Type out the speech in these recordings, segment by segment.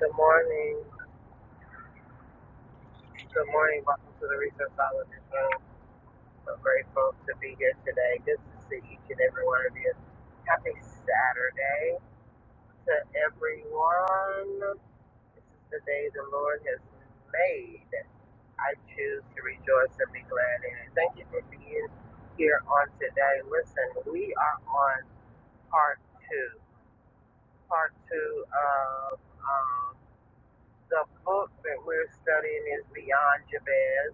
Good morning. Good morning. Welcome to the Research Solomon Room. I'm grateful to be here today. Good to see each and every one of you. Happy Saturday to everyone. This is the day the Lord has made. I choose to rejoice and be glad in it. Thank you for being here on today. Listen, we are on part two. Part two of um, the book that we're studying is Beyond Jabez.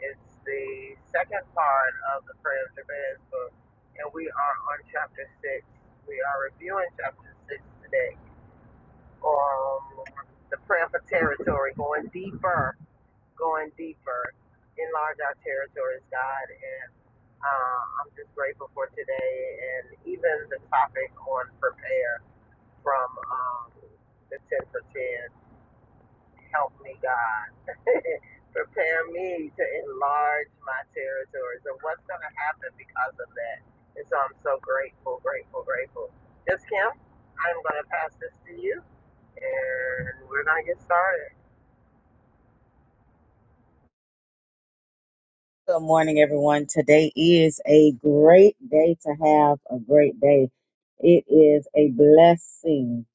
It's the second part of the Prayer of Jabez book, and we are on chapter six. We are reviewing chapter six today. Um, the prayer for territory, going deeper, going deeper, enlarge our territories, God. And uh, I'm just grateful for today, and even the topic on prepare from um, the ten for ten. Help me, God. Prepare me to enlarge my territories and what's going to happen because of that. And so I'm so grateful, grateful, grateful. Just Kim, I'm going to pass this to you and we're going to get started. Good morning, everyone. Today is a great day to have a great day. It is a blessing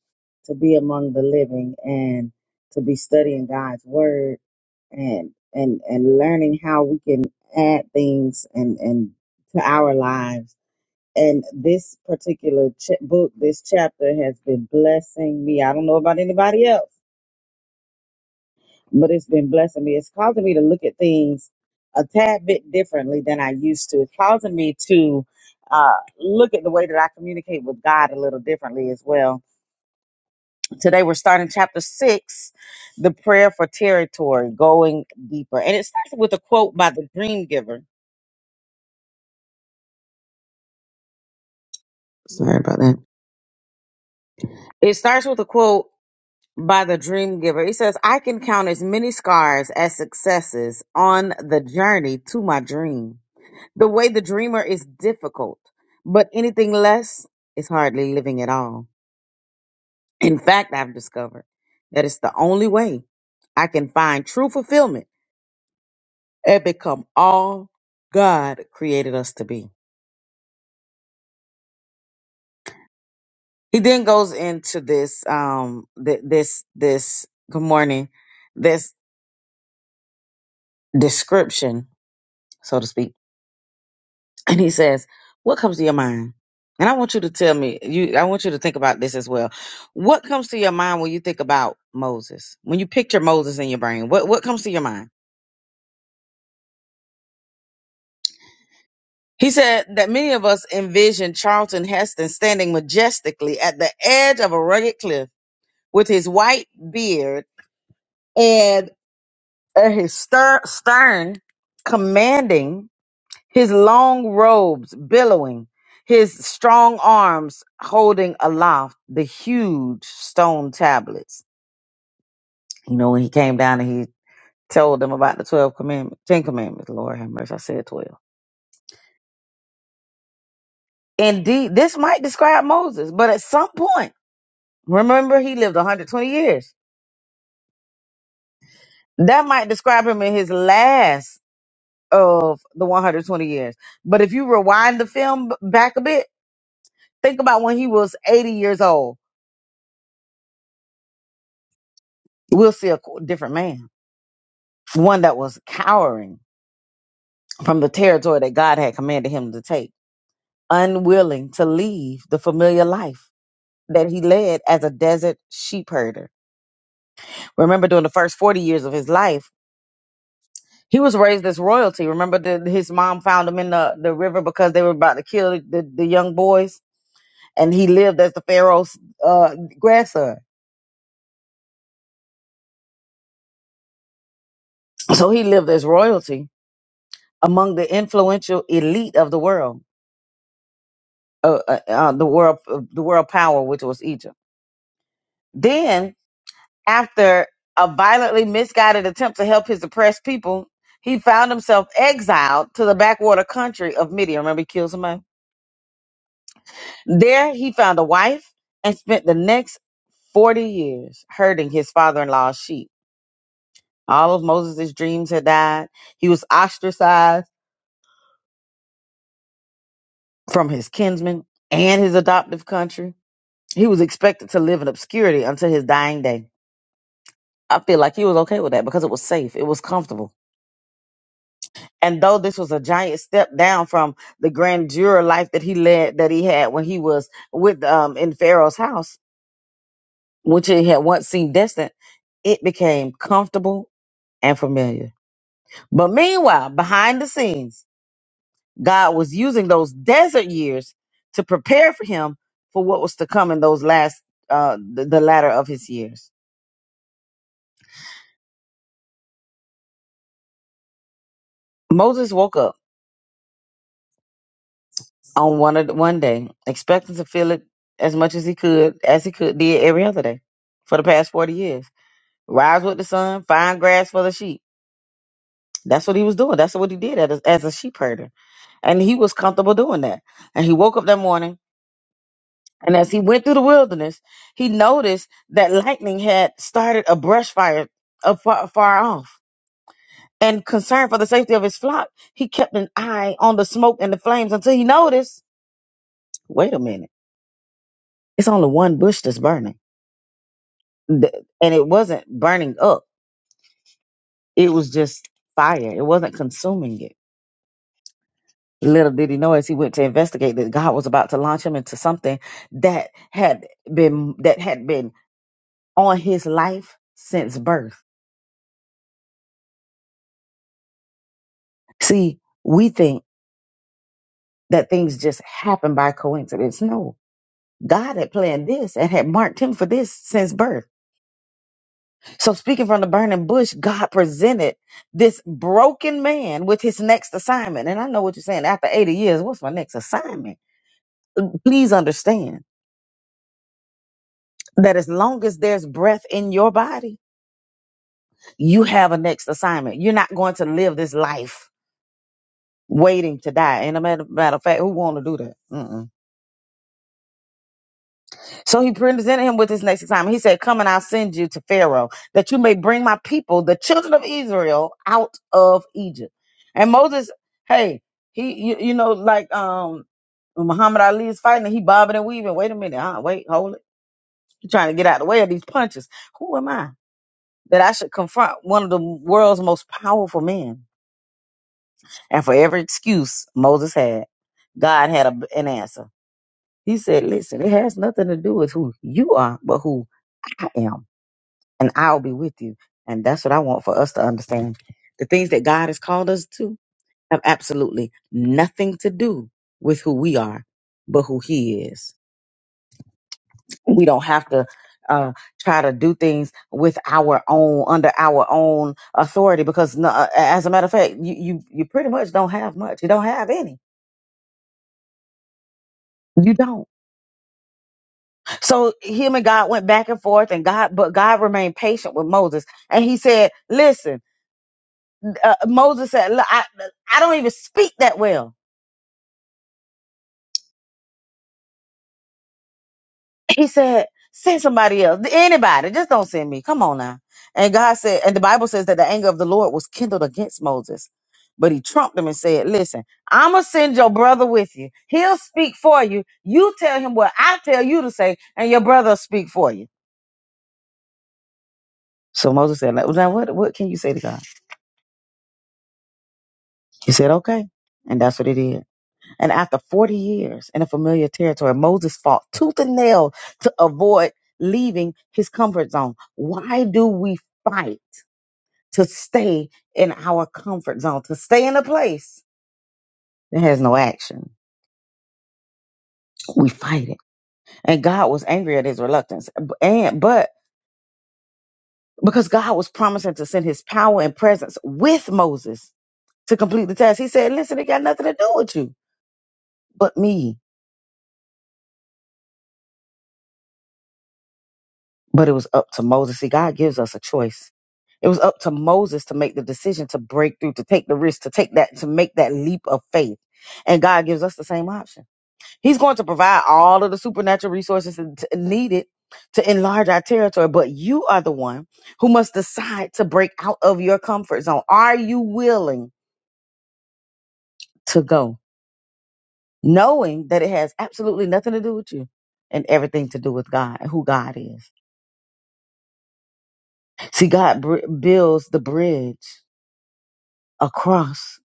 to be among the living and to be studying God's word and and and learning how we can add things and and to our lives. And this particular ch- book, this chapter has been blessing me. I don't know about anybody else but it's been blessing me. It's causing me to look at things a tad bit differently than I used to. It's causing me to uh, look at the way that I communicate with God a little differently as well. Today we're starting chapter six, the prayer for territory, going deeper. And it starts with a quote by the dream giver. Sorry about that. It starts with a quote by the dream giver. He says, I can count as many scars as successes on the journey to my dream. The way the dreamer is difficult, but anything less is hardly living at all. In fact, I've discovered that it's the only way I can find true fulfillment and become all God created us to be. He then goes into this um th- this this good morning this description, so to speak and he says, "What comes to your mind?" And I want you to tell me. You, I want you to think about this as well. What comes to your mind when you think about Moses? When you picture Moses in your brain, what what comes to your mind? He said that many of us envision Charlton Heston standing majestically at the edge of a rugged cliff with his white beard and uh, his stir- stern commanding his long robes billowing, his strong arms holding aloft the huge stone tablets. You know, when he came down and he told them about the 12 commandments, 10 commandments, Lord have mercy, I said 12. Indeed, this might describe Moses, but at some point, remember he lived 120 years. That might describe him in his last of the 120 years. But if you rewind the film b- back a bit, think about when he was 80 years old. We'll see a co- different man one that was cowering from the territory that God had commanded him to take, unwilling to leave the familiar life that he led as a desert sheep herder. Remember, during the first 40 years of his life, he was raised as royalty. Remember, that his mom found him in the, the river because they were about to kill the, the young boys, and he lived as the Pharaoh's uh, grandson. So he lived as royalty among the influential elite of the world, uh, uh, uh, the world, the world power, which was Egypt. Then after a violently misguided attempt to help his oppressed people, he found himself exiled to the backwater country of Midian. Remember, he killed somebody? There, he found a wife and spent the next 40 years herding his father in law's sheep. All of Moses' dreams had died. He was ostracized from his kinsmen and his adoptive country. He was expected to live in obscurity until his dying day. I feel like he was okay with that because it was safe, it was comfortable. And though this was a giant step down from the grandeur life that he led, that he had when he was with um in Pharaoh's house, which he had once seemed distant, it became comfortable and familiar. But meanwhile, behind the scenes, God was using those desert years to prepare for him for what was to come in those last, uh, the, the latter of his years. Moses woke up on one of the, one day, expecting to feel it as much as he could, as he could did every other day for the past forty years. Rise with the sun, find grass for the sheep. That's what he was doing. That's what he did as, as a sheep herder. And he was comfortable doing that. And he woke up that morning, and as he went through the wilderness, he noticed that lightning had started a brush fire up far, far off. And concerned for the safety of his flock, he kept an eye on the smoke and the flames until he noticed wait a minute, it's only one bush that's burning. Th- And it wasn't burning up, it was just fire, it wasn't consuming it. Little did he know as he went to investigate that God was about to launch him into something that had been that had been on his life since birth. See, we think that things just happen by coincidence. No. God had planned this and had marked him for this since birth. So speaking from the burning bush, God presented this broken man with his next assignment. And I know what you're saying. After 80 years, what's my next assignment? Please understand that as long as there's breath in your body, you have a next assignment. You're not going to live this life waiting to die. And a matter, matter of fact, who want to do that? Mm-mm. So he presented him with his next assignment. He said, "Come and I'll send you to Pharaoh, that you may bring my people, the children of Israel, out of Egypt." And Moses, hey, he, you, you know, like um, when Muhammad Ali is fighting, and he bobbing and weaving. Wait a minute, uh, wait, hold it. You're trying to get out of the way of these punches. Who am I that I should confront one of the world's most powerful men? And for every excuse Moses had, God had a, an answer. He said, Listen, it has nothing to do with who you are, but who I am, and I'll be with you. And that's what I want for us to understand. The things that God has called us to have absolutely nothing to do with who we are, but who He is. We don't have to uh, try to do things with our own, under our own authority, because no, uh, as a matter of fact, you, you you pretty much don't have much. You don't have any. You don't. So him and God went back and forth, and God, but God remained patient with Moses, and He said, "Listen." Uh, Moses said, "Look, I, I don't even speak that well." He said, "Send somebody else, anybody. Just don't send me. Come on now." And God said, and the Bible says that the anger of the Lord was kindled against Moses, but He trumped him and said, "Listen, I'm gonna send your brother with you. He'll speak for you. You tell him what I tell you to say, and your brother will speak for you." So Moses said, "Now what, what can you say to God?" He said, okay. And that's what he did. And after 40 years in a familiar territory, Moses fought tooth and nail to avoid leaving his comfort zone. Why do we fight to stay in our comfort zone, to stay in a place that has no action? We fight it. And God was angry at his reluctance. And, but because God was promising to send his power and presence with Moses to complete the task, he said, listen, it got nothing to do with you, but me. but it was up to Moses. See, God gives us a choice. It was up to Moses to make the decision to break through, to take the risk, to take that, to make that leap of faith. And God gives us the same option. He's going to provide all of the supernatural resources that- needed to enlarge our territory, but you are the one who must decide to break out of your comfort zone. Are you willing to go, knowing that it has absolutely nothing to do with you and everything to do with God, who God is? See, God br- builds the bridge across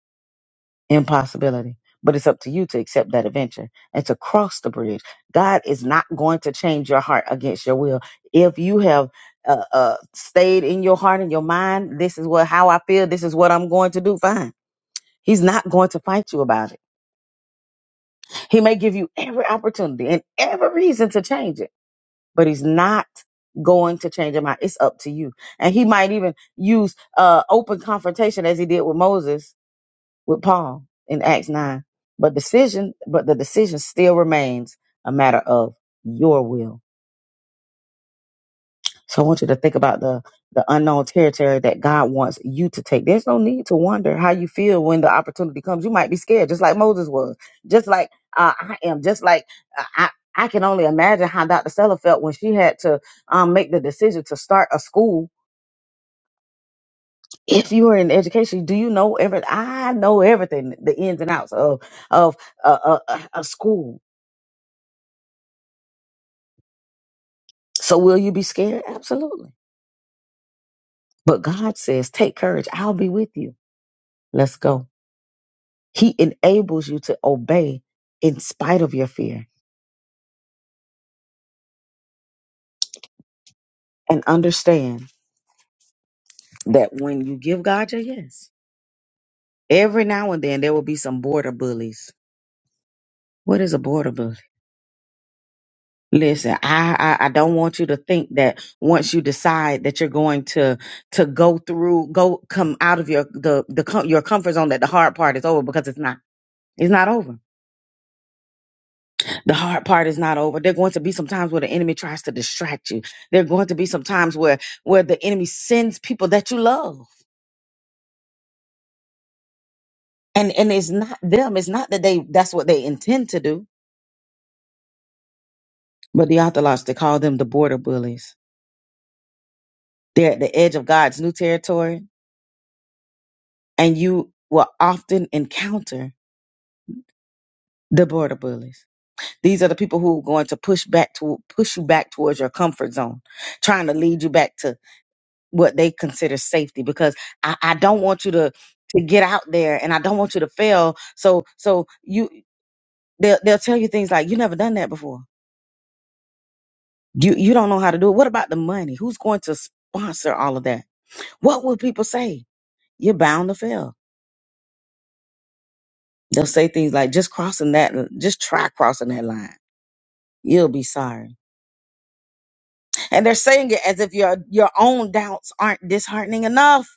impossibility. But it's up to you to accept that adventure and to cross the bridge. God is not going to change your heart against your will. If you have uh, uh, stayed in your heart and your mind, this is what how I feel. This is what I'm going to do. Fine. He's not going to fight you about it. He may give you every opportunity and every reason to change it, but he's not going to change your mind. It's up to you. And he might even use uh, open confrontation as he did with Moses with Paul in Acts 9. But decision, but the decision still remains a matter of your will. So I want you to think about the the unknown territory that God wants you to take. There's no need to wonder how you feel when the opportunity comes. You might be scared, just like Moses was, just like uh, I am, just like uh, I. I can only imagine how Dr. Stella felt when she had to um, make the decision to start a school. If you are in education, do you know every? I know everything, the ins and outs of of uh, uh, uh, a school. So will you be scared? Absolutely. But God says, take courage. I'll be with you. Let's go. He enables you to obey in spite of your fear and understand that when you give God your yes, every now and then there will be some border bullies. What is a border bully? Listen, I, I I don't want you to think that once you decide that you're going to to go through, go come out of your the the com- your comfort zone that the hard part is over because it's not. It's not over The hard part is not over. There are going to be some times where the enemy tries to distract you. There are going to be some times where where the enemy sends people that you love. And and it's not them. It's not that they that's what they intend to do. But the Orthodox, they call them the border bullies. They're at the edge of God's new territory. And you will often encounter the border bullies. These are the people who are going to push back to push you back towards your comfort zone, trying to lead you back to what they consider safety because I, I don't want you to to get out there and I don't want you to fail. So so you they'll they'll tell you things like you never done that before. You you don't know how to do it. What about the money? Who's going to sponsor all of that? What will people say? You're bound to fail. They'll say things like just crossing that just try crossing that line. You'll be sorry. And they're saying it as if your your own doubts aren't disheartening enough.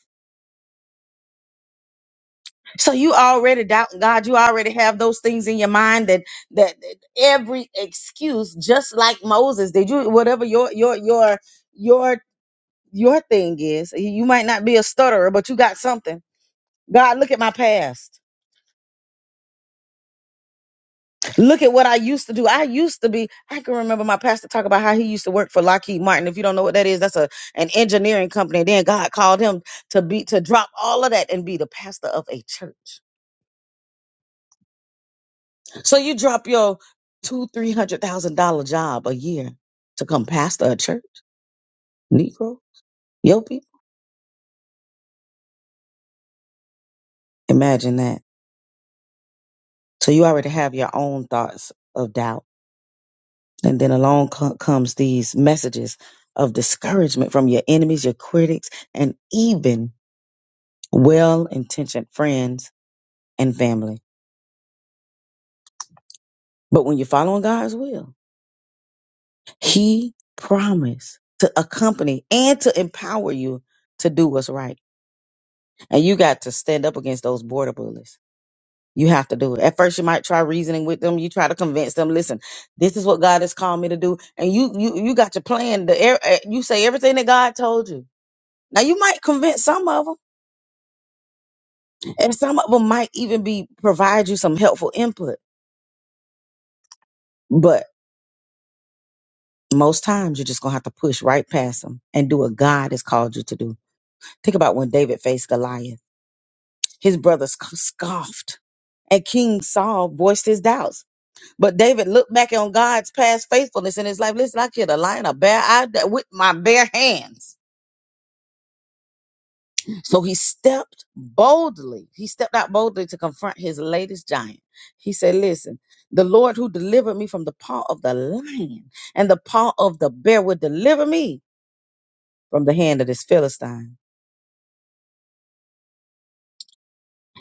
So you already doubting God. You already have those things in your mind that that, that every excuse, just like Moses, did you whatever your your your your your thing is. You might not be a stutterer, but you got something. God, look at my past. Look at what I used to do. I used to be. I can remember my pastor talk about how he used to work for Lockheed Martin. If you don't know what that is, that's a an engineering company. then God called him to be to drop all of that and be the pastor of a church. So you drop your two, three hundred thousand dollar job a year to come pastor a church, Negro, your people. Imagine that. So you already have your own thoughts of doubt, and then along co- comes these messages of discouragement from your enemies, your critics, and even well-intentioned friends and family. But when you're following God's will, He promised to accompany and to empower you to do what's right, and you got to stand up against those border bullies You have to do it. At first, you might try reasoning with them. You try to convince them. Listen, this is what God has called me to do, and you you you got your plan. The air- eh, you say everything that God told you. Now you might convince some of them, and some of them might even be provide you some helpful input. But most times, you're just gonna have to push right past them and do what God has called you to do. Think about when David faced Goliath. His brothers scoffed, and King Saul voiced his doubts. But David looked back on God's past faithfulness in his life. Listen, I killed a lion, a bear, I d- with my bare hands. So he stepped boldly. He stepped out boldly to confront his latest giant. He said, "Listen, the Lord who delivered me from the paw of the lion and the paw of the bear will deliver me from the hand of this Philistine."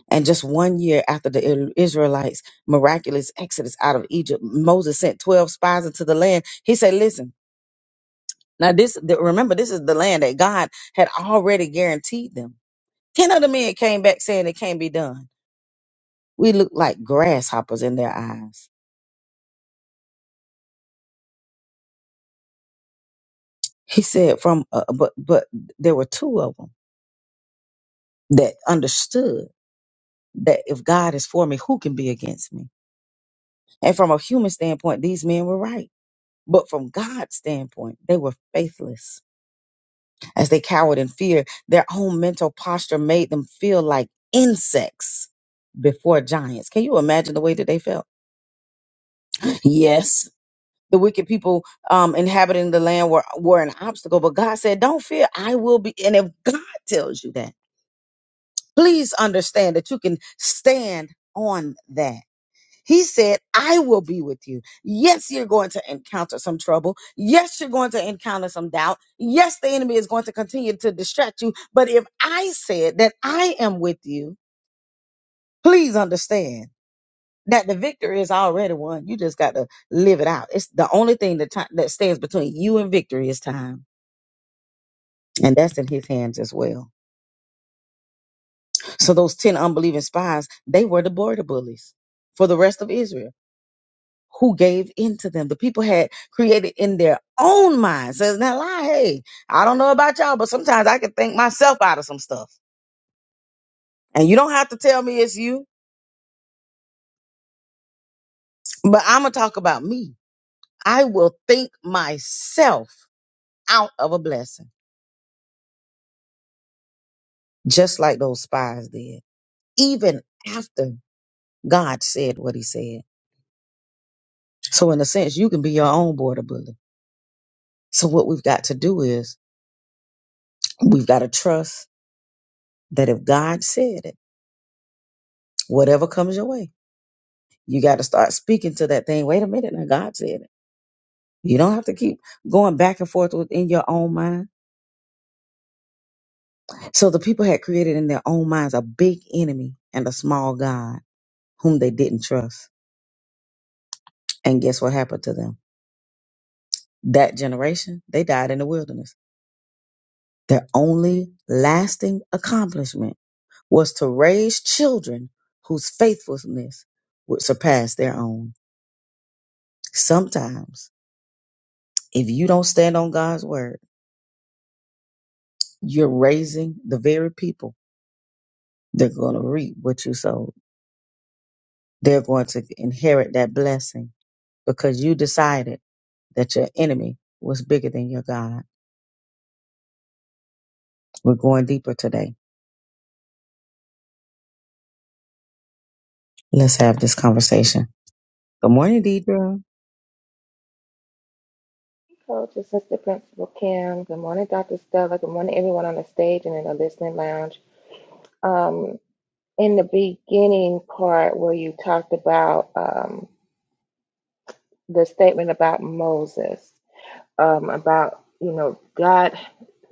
And just one year after the Il- Israelites' miraculous exodus out of Egypt, Moses sent 12 spies into the land. He said, "Listen." Now this the, remember this is the land that God had already guaranteed them. Ten other men came back saying it can't be done. We looked like grasshoppers in their eyes. He said from uh, but but there were two of them that understood that if God is for me, who can be against me? And from a human standpoint, these men were right. But from God's standpoint, they were faithless. As they cowered in fear, their own mental posture made them feel like insects before giants. Can you imagine the way that they felt? Yes, the wicked people um, inhabiting the land were were an obstacle, but God said, "Don't fear, I will be." And if God tells you that, please understand that you can stand on that. He said, I will be with you. Yes, you're going to encounter some trouble. Yes, you're going to encounter some doubt. Yes, the enemy is going to continue to distract you. But if I said that I am with you, please understand. that the victory is already won. You just got to live it out. It's the only thing that ti- that stands between you and victory is time, and that's in His hands as well. So those ten unbelieving spies, they were the border bullies for the rest of Israel, who gave in to them. The people had created in their own minds. Says now, lie. Hey, I don't know about y'all, but sometimes I can think myself out of some stuff, and you don't have to tell me it's you. But I'm gonna talk about me. I will think myself out of a blessing. just like those spies did, even after God said what he said. So, in a sense, you can be your own border bully. So, what we've got to do is we've got to trust that if God said it, whatever comes your way, you got to start speaking to that thing. Wait a minute, now God said it. You don't have to keep going back and forth within your own mind. So, the people had created in their own minds a big enemy and a small God whom they didn't trust. And guess what happened to them? That generation, they died in the wilderness Their only lasting accomplishment was to raise children whose faithfulness would surpass their own. Sometimes, if you don't stand on God's word, you're raising the very people that are going to reap what you sowed. They're going to inherit that blessing because you decided that your enemy was bigger than your God. We're going deeper today. Let's have this conversation. Good morning, Deidre. Thank Coach, it's Assistant Principal Kim. Good morning, Dr. Stella. Good morning, everyone on the stage and in the listening lounge. Um, in the beginning part where you talked about um, the statement about Moses, um, about, you know, God,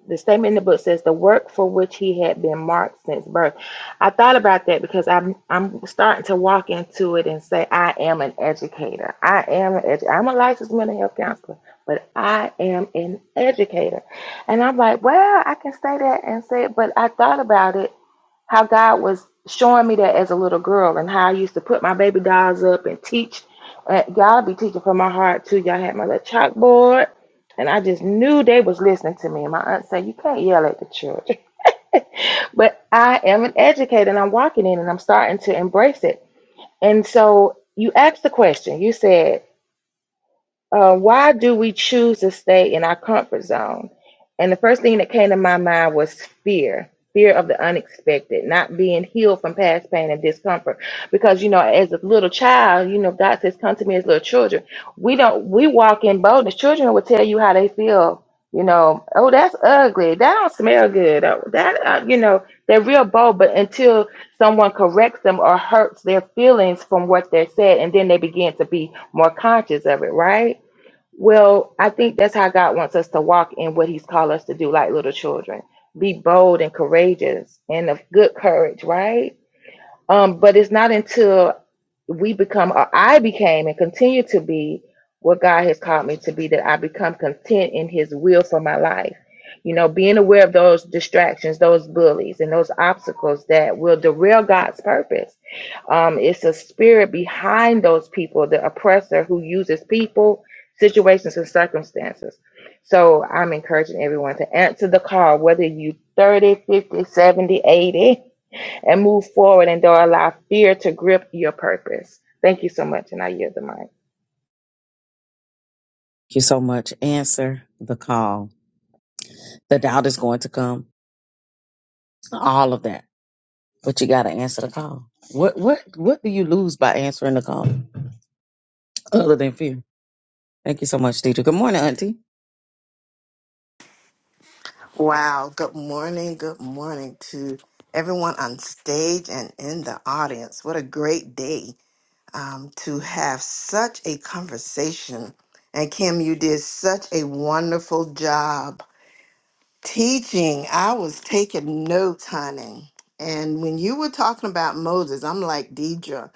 the statement in the book says the work for which he had been marked since birth. I thought about that because I'm I'm starting to walk into it and say I am an educator. I am an edu- I'm a licensed mental health counselor, but I am an educator. And I'm like, well, I can say that and say it, but I thought about it how God was showing me that as a little girl and how I used to put my baby dolls up and teach. Uh, y'all be teaching from my heart too. Y'all had my little chalkboard. And I just knew they was listening to me. And my aunt said, You can't yell at the church," but I am an educator and I'm walking in and I'm starting to embrace it. And so you asked the question. You said, uh, why do we choose to stay in our comfort zone? And the first thing that came to my mind was fear fear of the unexpected, not being healed from past pain and discomfort. Because, you know, as a little child, you know, God says, Come to me as little children. We don't, we walk in boldness. Children will tell you how they feel. You know, oh, that's ugly. That don't smell good. Oh, that, uh, you know, they're real bold, but until someone corrects them or hurts their feelings from what they're said, and then they begin to be more conscious of it, right? Well, I think that's how God wants us to walk in what He's called us to do, like little children. Be bold and courageous and of good courage, right? Um, but it's not until we become or I became and continue to be what God has called me to be that I become content in his will for my life. You know, being aware of those distractions, those bullies and those obstacles that will derail God's purpose. Um, it's a spirit behind those people, the oppressor who uses people, situations and circumstances. So I'm encouraging everyone to answer the call, whether you 30, 50, seventy, eighty and move forward and don't allow fear to grip your purpose. Thank you so much, and I yield the mic. you so much. Answer the call. The doubt is going to come. All of that. But you gotta answer the call. What what what do you lose by answering the call? Other than fear. Thank you so much, teacher. Good morning, Auntie. Wow. Good morning. Good morning to everyone on stage and in the audience. What a great day um, to have such a conversation. And Kim, you did such a wonderful job Teaching, I was taking notes, honey. And when you were talking about Moses, I'm like, Deidre,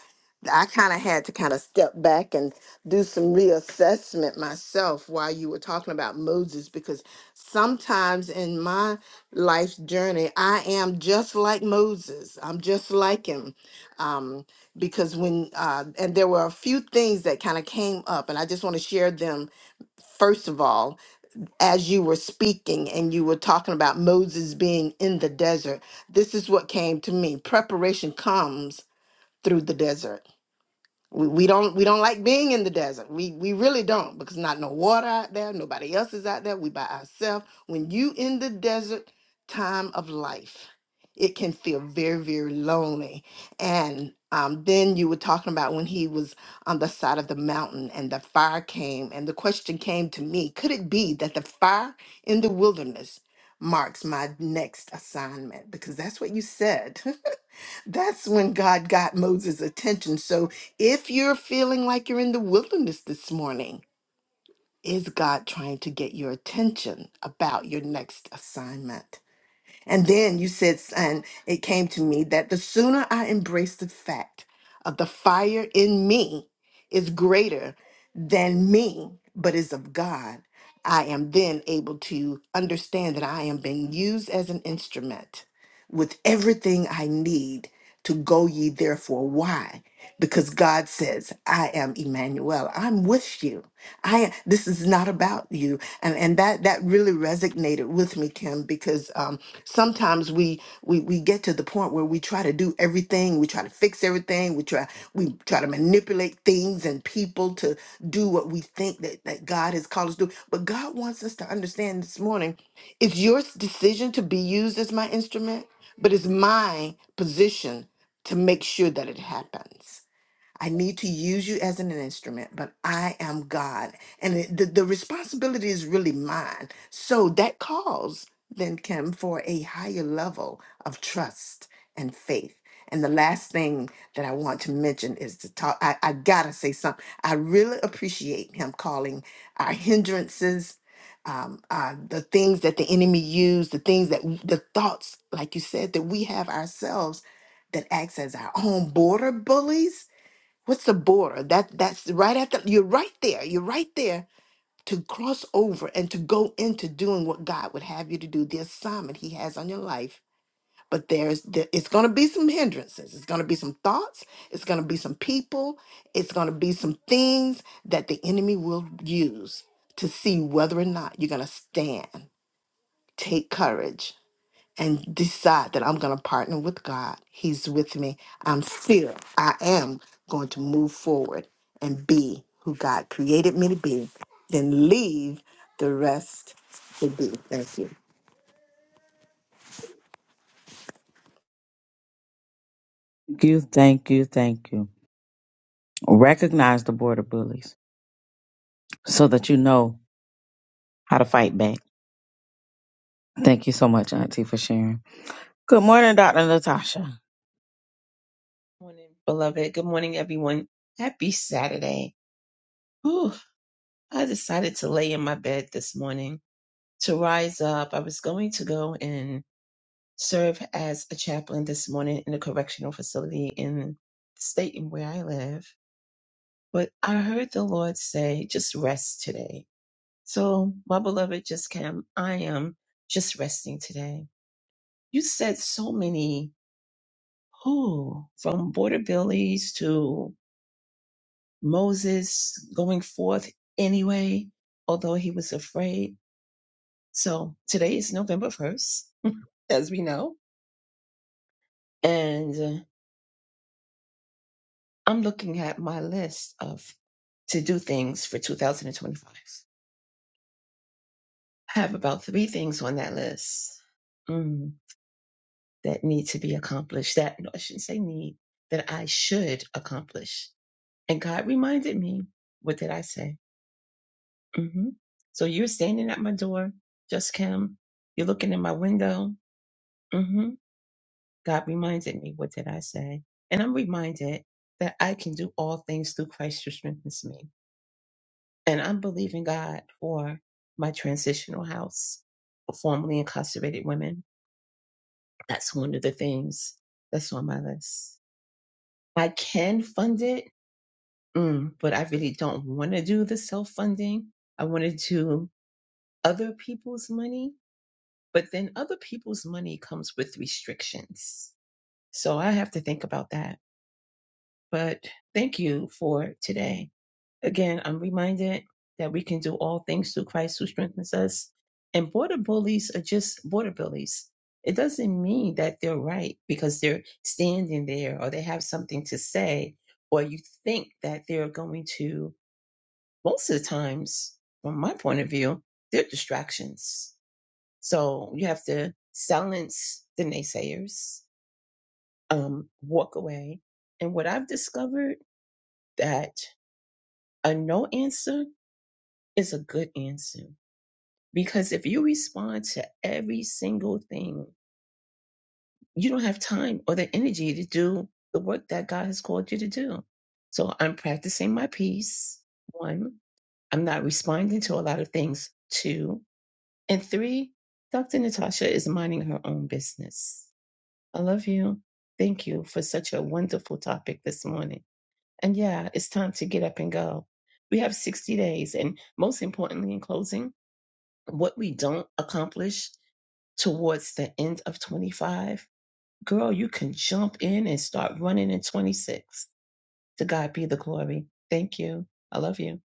I kind of had to kind of step back and do some reassessment myself while you were talking about Moses, because sometimes in my life's journey, I am just like Moses. I'm just like him. Um, because when, uh, and there were a few things that kind of came up, and I just want to share them first of all as you were speaking and you were talking about Moses being in the desert, this is what came to me. Preparation comes through the desert we, we don't we don't like being in the desert. We we really don't because not no water out there, nobody else is out there. We by ourselves. When you in the desert time of life, it can feel very very lonely. And um, then you were talking about when he was on the side of the mountain and the fire came, and the question came to me: Could it be that the fire in the wilderness marks my next assignment? Because that's what you said. that's when God got Moses' attention. So if you're feeling like you're in the wilderness this morning, is God trying to get your attention about your next assignment? And then you said, and it came to me that the sooner I embrace the fact of the fire in me is greater than me, but is of God, I am then able to understand that I am being used as an instrument with everything I need to go ye therefore. Why? Because God says, I am Emmanuel. I'm with you. I this is not about you. And and that that really resonated with me, Kim, because um, sometimes we we we get to the point where we try to do everything we try to fix everything we try we try to manipulate things and people to do what we think that, that god has called us to do but god wants us to understand this morning it's your s- decision to be used as my instrument but it's my position to make sure that it happens I need to use you as an instrument, but I am God. And it, the, the responsibility is really mine. So that calls then, Kim, for a higher level of trust and faith. And the last thing that I want to mention is to talk. I, I gotta say something. I really appreciate him calling our hindrances, um, uh, the things that the enemy used, the things that w- the thoughts, like you said, that we have ourselves that acts as our own border bullies What's the border? That that's right at the you're right there. You're right there to cross over and to go into doing what God would have you to do, the assignment he has on your life. But there's there, it's gonna be some hindrances. It's gonna be some thoughts, it's gonna be some people, it's gonna be some things that the enemy will use to see whether or not you're gonna stand. Take courage and decide that I'm going to partner with God. He's with me. I'm still, I am going to move forward and be who God created me to be, then leave the rest to be. Thank you. Thank you, thank you, thank you. Recognize the border bullies so that you know how to fight back. Thank you so much, Auntie, for sharing. Good morning, Dr. Natasha. morning, beloved. Good morning, everyone. Happy Saturday. Whew, I decided to lay in my bed this morning to rise up. I was going to go and serve as a chaplain this morning in a correctional facility in the state in where I live. But I heard the Lord say, just rest today. So, my beloved, just came. I am just resting today. You said so many, who from border billies to Moses going forth anyway, although he was afraid. So today is November 1st, as we know. And uh, I'm looking at my list of to do things for 2025. I have about three things on that list mm, that need to be accomplished. That, no, I shouldn't say need, that I should accomplish. And God reminded me, what did I say? hmm So you're standing at my door, just Kim. You're looking in my window hmm God reminded me, what did I say? And I'm reminded that I can do all things through Christ who strengthens me. And I'm believing God for my transitional house for formerly incarcerated women. That's one of the things that's on my list. I can fund it, mm, but I really don't want to do the self funding. I want to do other people's money, but then other people's money comes with restrictions. So I have to think about that But thank you for today. Again, I'm reminded that we can do all things through Christ who strengthens us. And border bullies are just border bullies. It doesn't mean that they're right because they're standing there or they have something to say, or you think that they're going to, most of the times, from my point of view, they're distractions. So you have to silence the naysayers, um, walk away. And what I've discovered that a no answer is a good answer because if you respond to every single thing, you don't have time or the energy to do the work that God has called you to do. So I'm practicing my peace. One, I'm not responding to a lot of things. Two, and three, Dr. Natasha is minding her own business. I love you. Thank you for such a wonderful topic this morning. And yeah, it's time to get up and go. We have 60 days. And most importantly, in closing, what we don't accomplish towards the end of 25, girl, you can jump in and start running in 26. To God be the glory. Thank you. I love you. Have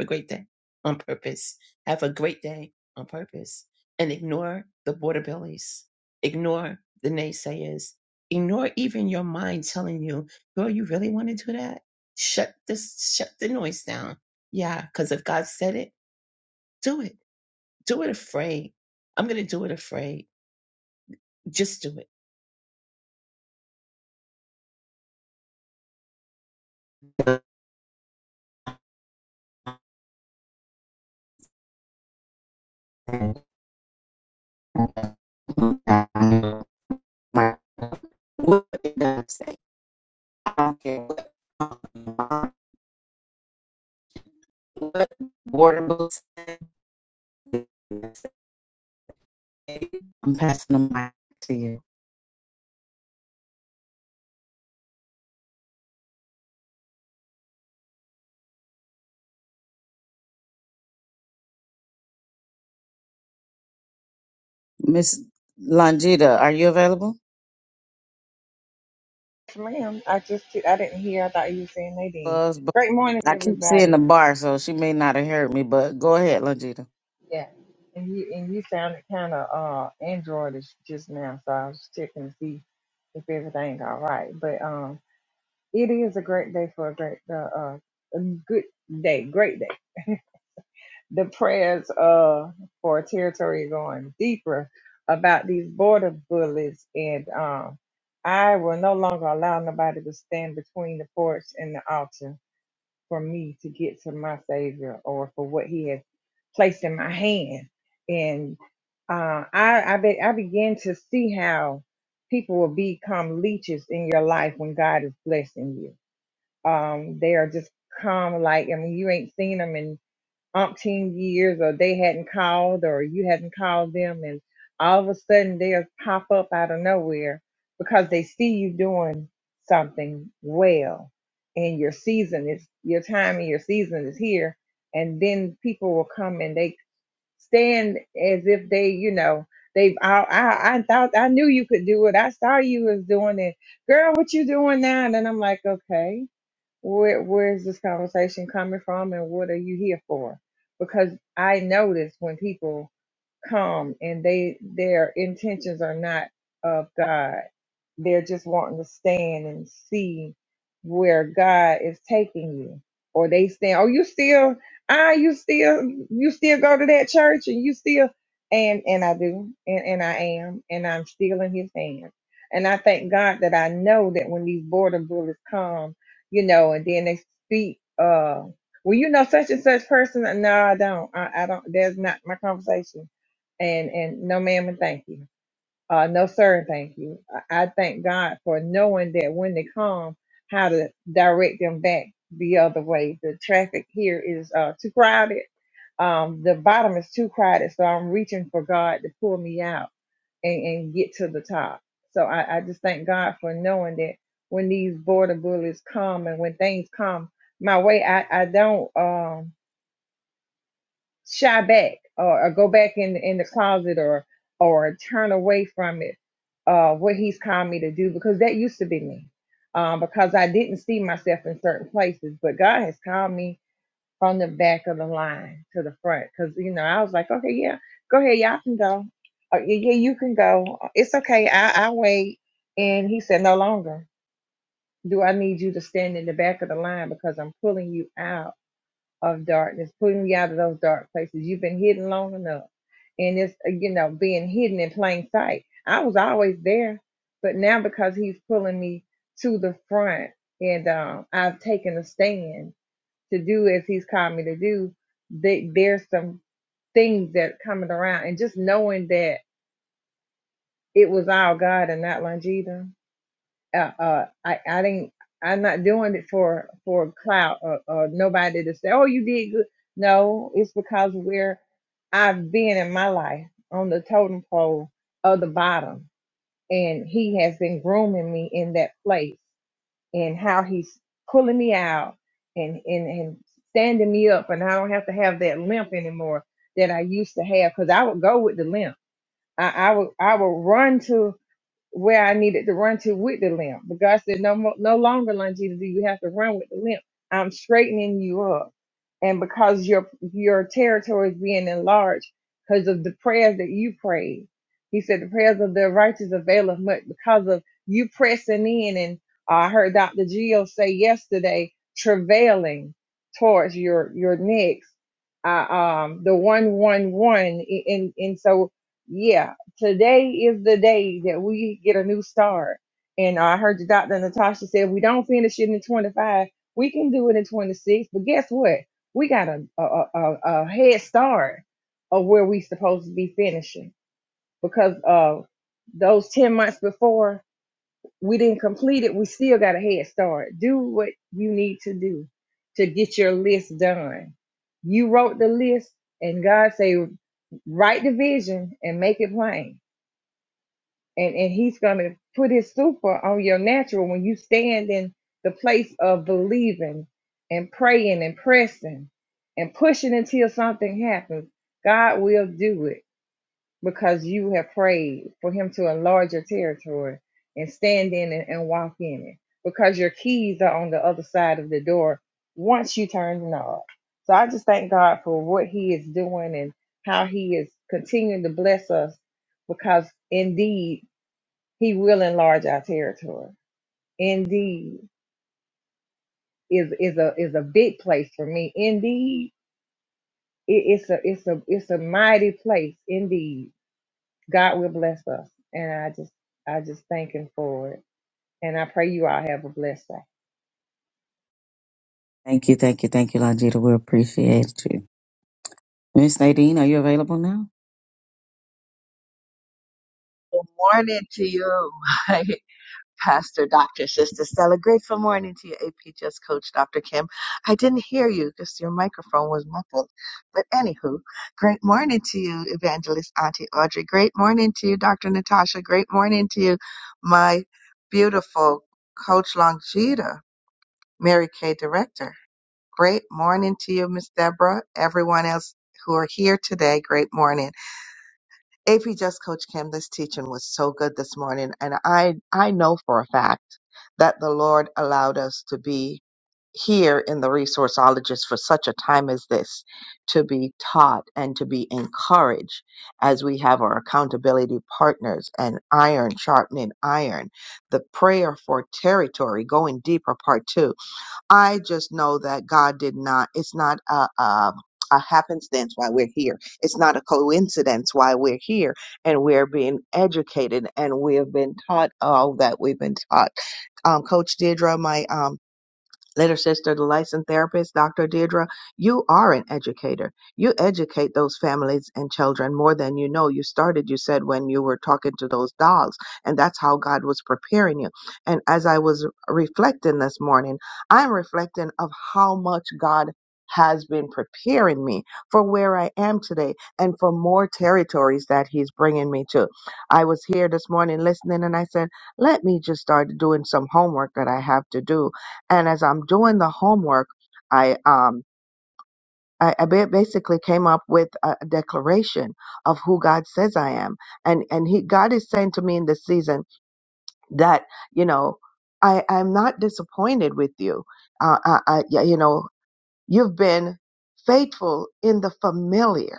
a great day on purpose. Have a great day on purpose. And ignore the border bellies. Ignore the naysayers. Ignore even your mind telling you, girl, you really want to do that? Shut this, shut the noise down. Yeah, because if God said it, do it do it afraid. I'm going to do it afraid. Just do it. What did I say? I don't care what, what border books. I'm passing the mic to you. Miss Longita, are you available? Yes, ma'am. I just did. I didn't hear. I thought you were saying Nadine. Was, but Great morning, I keep seeing everybody. the bar, so she may not have heard me, but go ahead, Longita. Yeah, and you and you sounded kind of uh androidish just now, so I was checking to see if everything all right. But um, it is a great day for a great uh, uh a good day, great day. The prayers uh for territory going deeper about these border bullies, and um, I will no longer allow nobody to stand between the porch and the altar for me to get to my Savior or for what He has placed in my hand. And uh, I, I, be, I began to see how people will become leeches in your life when God is blessing you. Um, they are just come like, I mean, you ain't seen them umpteen years or they hadn't called or you hadn't called them and all of a sudden they'll pop up out of nowhere because they see you doing something well and your season is your time and your season is here and then people will come and they stand as if they you know they've I, I I thought I knew you could do it I saw you was doing it girl what you doing now and then I'm like okay where where is this conversation coming from and what are you here for because i notice when people come and they their intentions are not of god they're just wanting to stand and see where God is taking you. Or they stand, oh, you still, ah, you still, you still go to that church and you still, and, and I do, and, and I am, and I'm still in his hands. And I thank God that I know that when these border bullies come, you know, and then they speak, uh, well, you know, such and such person. No, I don't. I, I don't. That's not my conversation and and no ma'am and thank you uh, no, sir. Thank you. I, I thank God for knowing that when they come, how to direct them back the other way. The traffic here is uh, too crowded. Um, the bottom is too crowded, so I'm reaching for God to pull me out and, and get to the top. So I, I just thank God for knowing that when these border bullies come and when things come my way, I, I don't. Um, shy back or, or go back in in the closet or or turn away from it uh what he's called me to do because that used to be me um because i didn't see myself in certain places but god has called me from the back of the line to the front because you know i was like okay yeah go ahead y'all can go uh, yeah yeah, you can go it's okay i i wait and he said no longer do i need you to stand in the back of the line because i'm pulling you out of darkness, pulling me out of those dark places. You've been hidden long enough. And it's, uh, you know, being hidden in plain sight. I was always there, but now because he's pulling me to the front and um, I've taken a stand to do as he's called me to do, that there's some things that are coming around. And just knowing that it was all God and not Longita uh, uh, I, I didn't, I'm not doing it for, for clout or, or nobody to say, oh, you did good. No, it's because where I've been in my life on the totem pole of the bottom. And he has been grooming me in that place and how he's pulling me out and, and, and standing me up. And I don't have to have that limp anymore that I used to have because I would go with the limp. I, I would I would run to where I needed to run to with the limp. But God said, no, mo- no longer, Longita, do you have to run with the limp. I'm straightening you up. And because your, your territory is being enlarged because of the prayers that you prayed, he said, the prayers of the righteous availeth much because of you pressing in. And uh, I heard Dr. Gio say yesterday, travailing towards your, your next, uh, um, the one, one, one. And, and and so, yeah, today is the day that we get a new start. And I heard the doctor Natasha said we don't finish it in 25. We can do it in 26. But guess what? We got a a, a, a head start of where we supposed to be finishing because uh those 10 months before we didn't complete it. We still got a head start. Do what you need to do to get your list done. You wrote the list, and God say write the vision and make it plain and and he's going to put his super on your natural when you stand in the place of believing and praying and pressing and pushing until something happens god will do it because you have prayed for him to enlarge your territory and stand in it and walk in it because your keys are on the other side of the door once you turn the knob so i just thank god for what he is doing and how he is continuing to bless us because indeed he will enlarge our territory. Indeed, is is a is a big place for me. Indeed, it, it's a it's a it's a mighty place. Indeed, God will bless us, and I just I just thank Him for it. And I pray you all have a blessed day. Thank you, thank you, thank you, Longita. We appreciate you. Miss Nadine, are you available now? Good morning to you, my pastor, Dr. Sister Stella. Grateful morning to you, APGS coach, Dr. Kim. I didn't hear you because your microphone was muffled. But anywho, great morning to you, Evangelist Auntie Audrey. Great morning to you, Dr. Natasha. Great morning to you, my beautiful coach Longita, Mary Kay Director. Great morning to you, Miss Deborah. Everyone else who are here today, great morning. AP Just Coach Kim, this teaching was so good this morning. And I, I know for a fact that the Lord allowed us to be here in the resourceologist for such a time as this to be taught and to be encouraged as we have our accountability partners and iron sharpening iron the prayer for territory going deeper part two I just know that God did not, it's not a, a, a happenstance why we're here. It's not a coincidence why we're here and we're being educated and we have been taught all that we've been taught. Um, Coach Deirdre, my um, Later sister, the licensed therapist, Dr. Deirdre, you are an educator. You educate those families and children more than you know. You started, you said, when you were talking to those dogs, and that's how God was preparing you. And as I was reflecting this morning, I'm reflecting of how much God has been preparing me for where I am today and for more territories that he's bringing me to. I was here this morning listening and I said, let me just start doing some homework that I have to do and as I'm doing the homework, I um I, I ba- basically came up with a a declaration of who God says I am, and and He God is saying to me in this season that you know I I'm not disappointed with you, uh, I, I yeah, you know you've been faithful in the familiar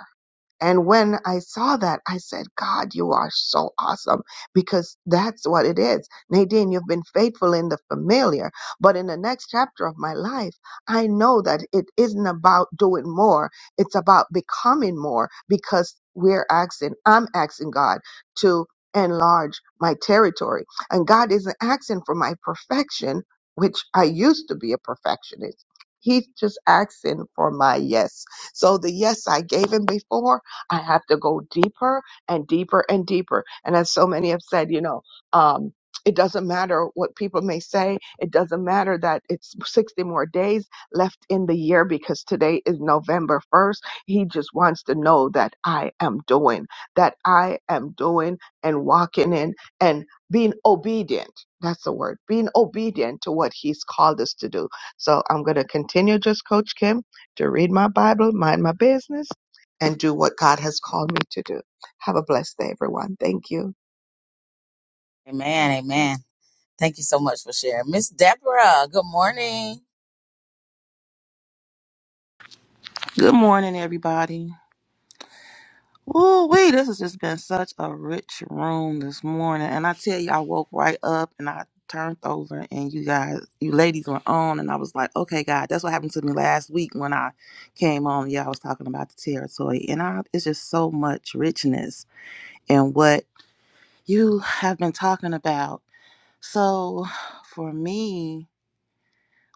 and when I saw that, I said, God, you are so awesome because that's what it is. Nadine, you've been faithful in the familiar, but in the next chapter of my life, I know that it isn't about doing more. It's about becoming more because we're asking, I'm asking God to enlarge my territory. And God isn't asking for my perfection, which I used to be a perfectionist. He's just asking for my yes. So the yes I gave him before, I have to go deeper and deeper and deeper. And as so many have said, you know, um, it doesn't matter what people may say. It doesn't matter that it's 60 more days left in the year because today is November 1st. He just wants to know that I am doing, that I am doing and walking in and being obedient. That's the word, being obedient to what he's called us to do. So I'm going to continue just Coach Kim to read my Bible, mind my business, and do what God has called me to do. Have a blessed day, everyone. Thank you. Amen, amen. Thank you so much for sharing. Miss Deborah, good morning. Good morning, everybody. Ooh, wee, this has just been such a rich room this morning. And I tell you, I woke right up and I turned over and you guys, you ladies were on. And I was like, okay, God, that's what happened to me last week when I came on. Yeah, I was talking about the territory. And I, it's just so much richness in what you have been talking about. So for me,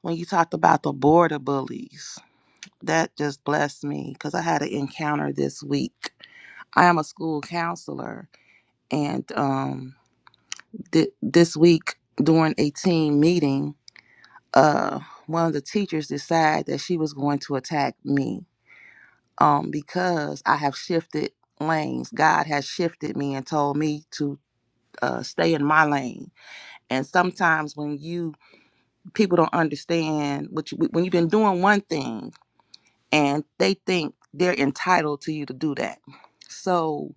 when you talked about the border bullies, that just blessed me because I had an encounter this week I am a school counselor, and um, th- this week during a team meeting, uh, one of the teachers decided that she was going to attack me um, because I have shifted lanes. God has shifted me and told me to uh, stay in my lane. And sometimes when you people don't understand what you, when you've been doing one thing and they think they're entitled to you to do that. So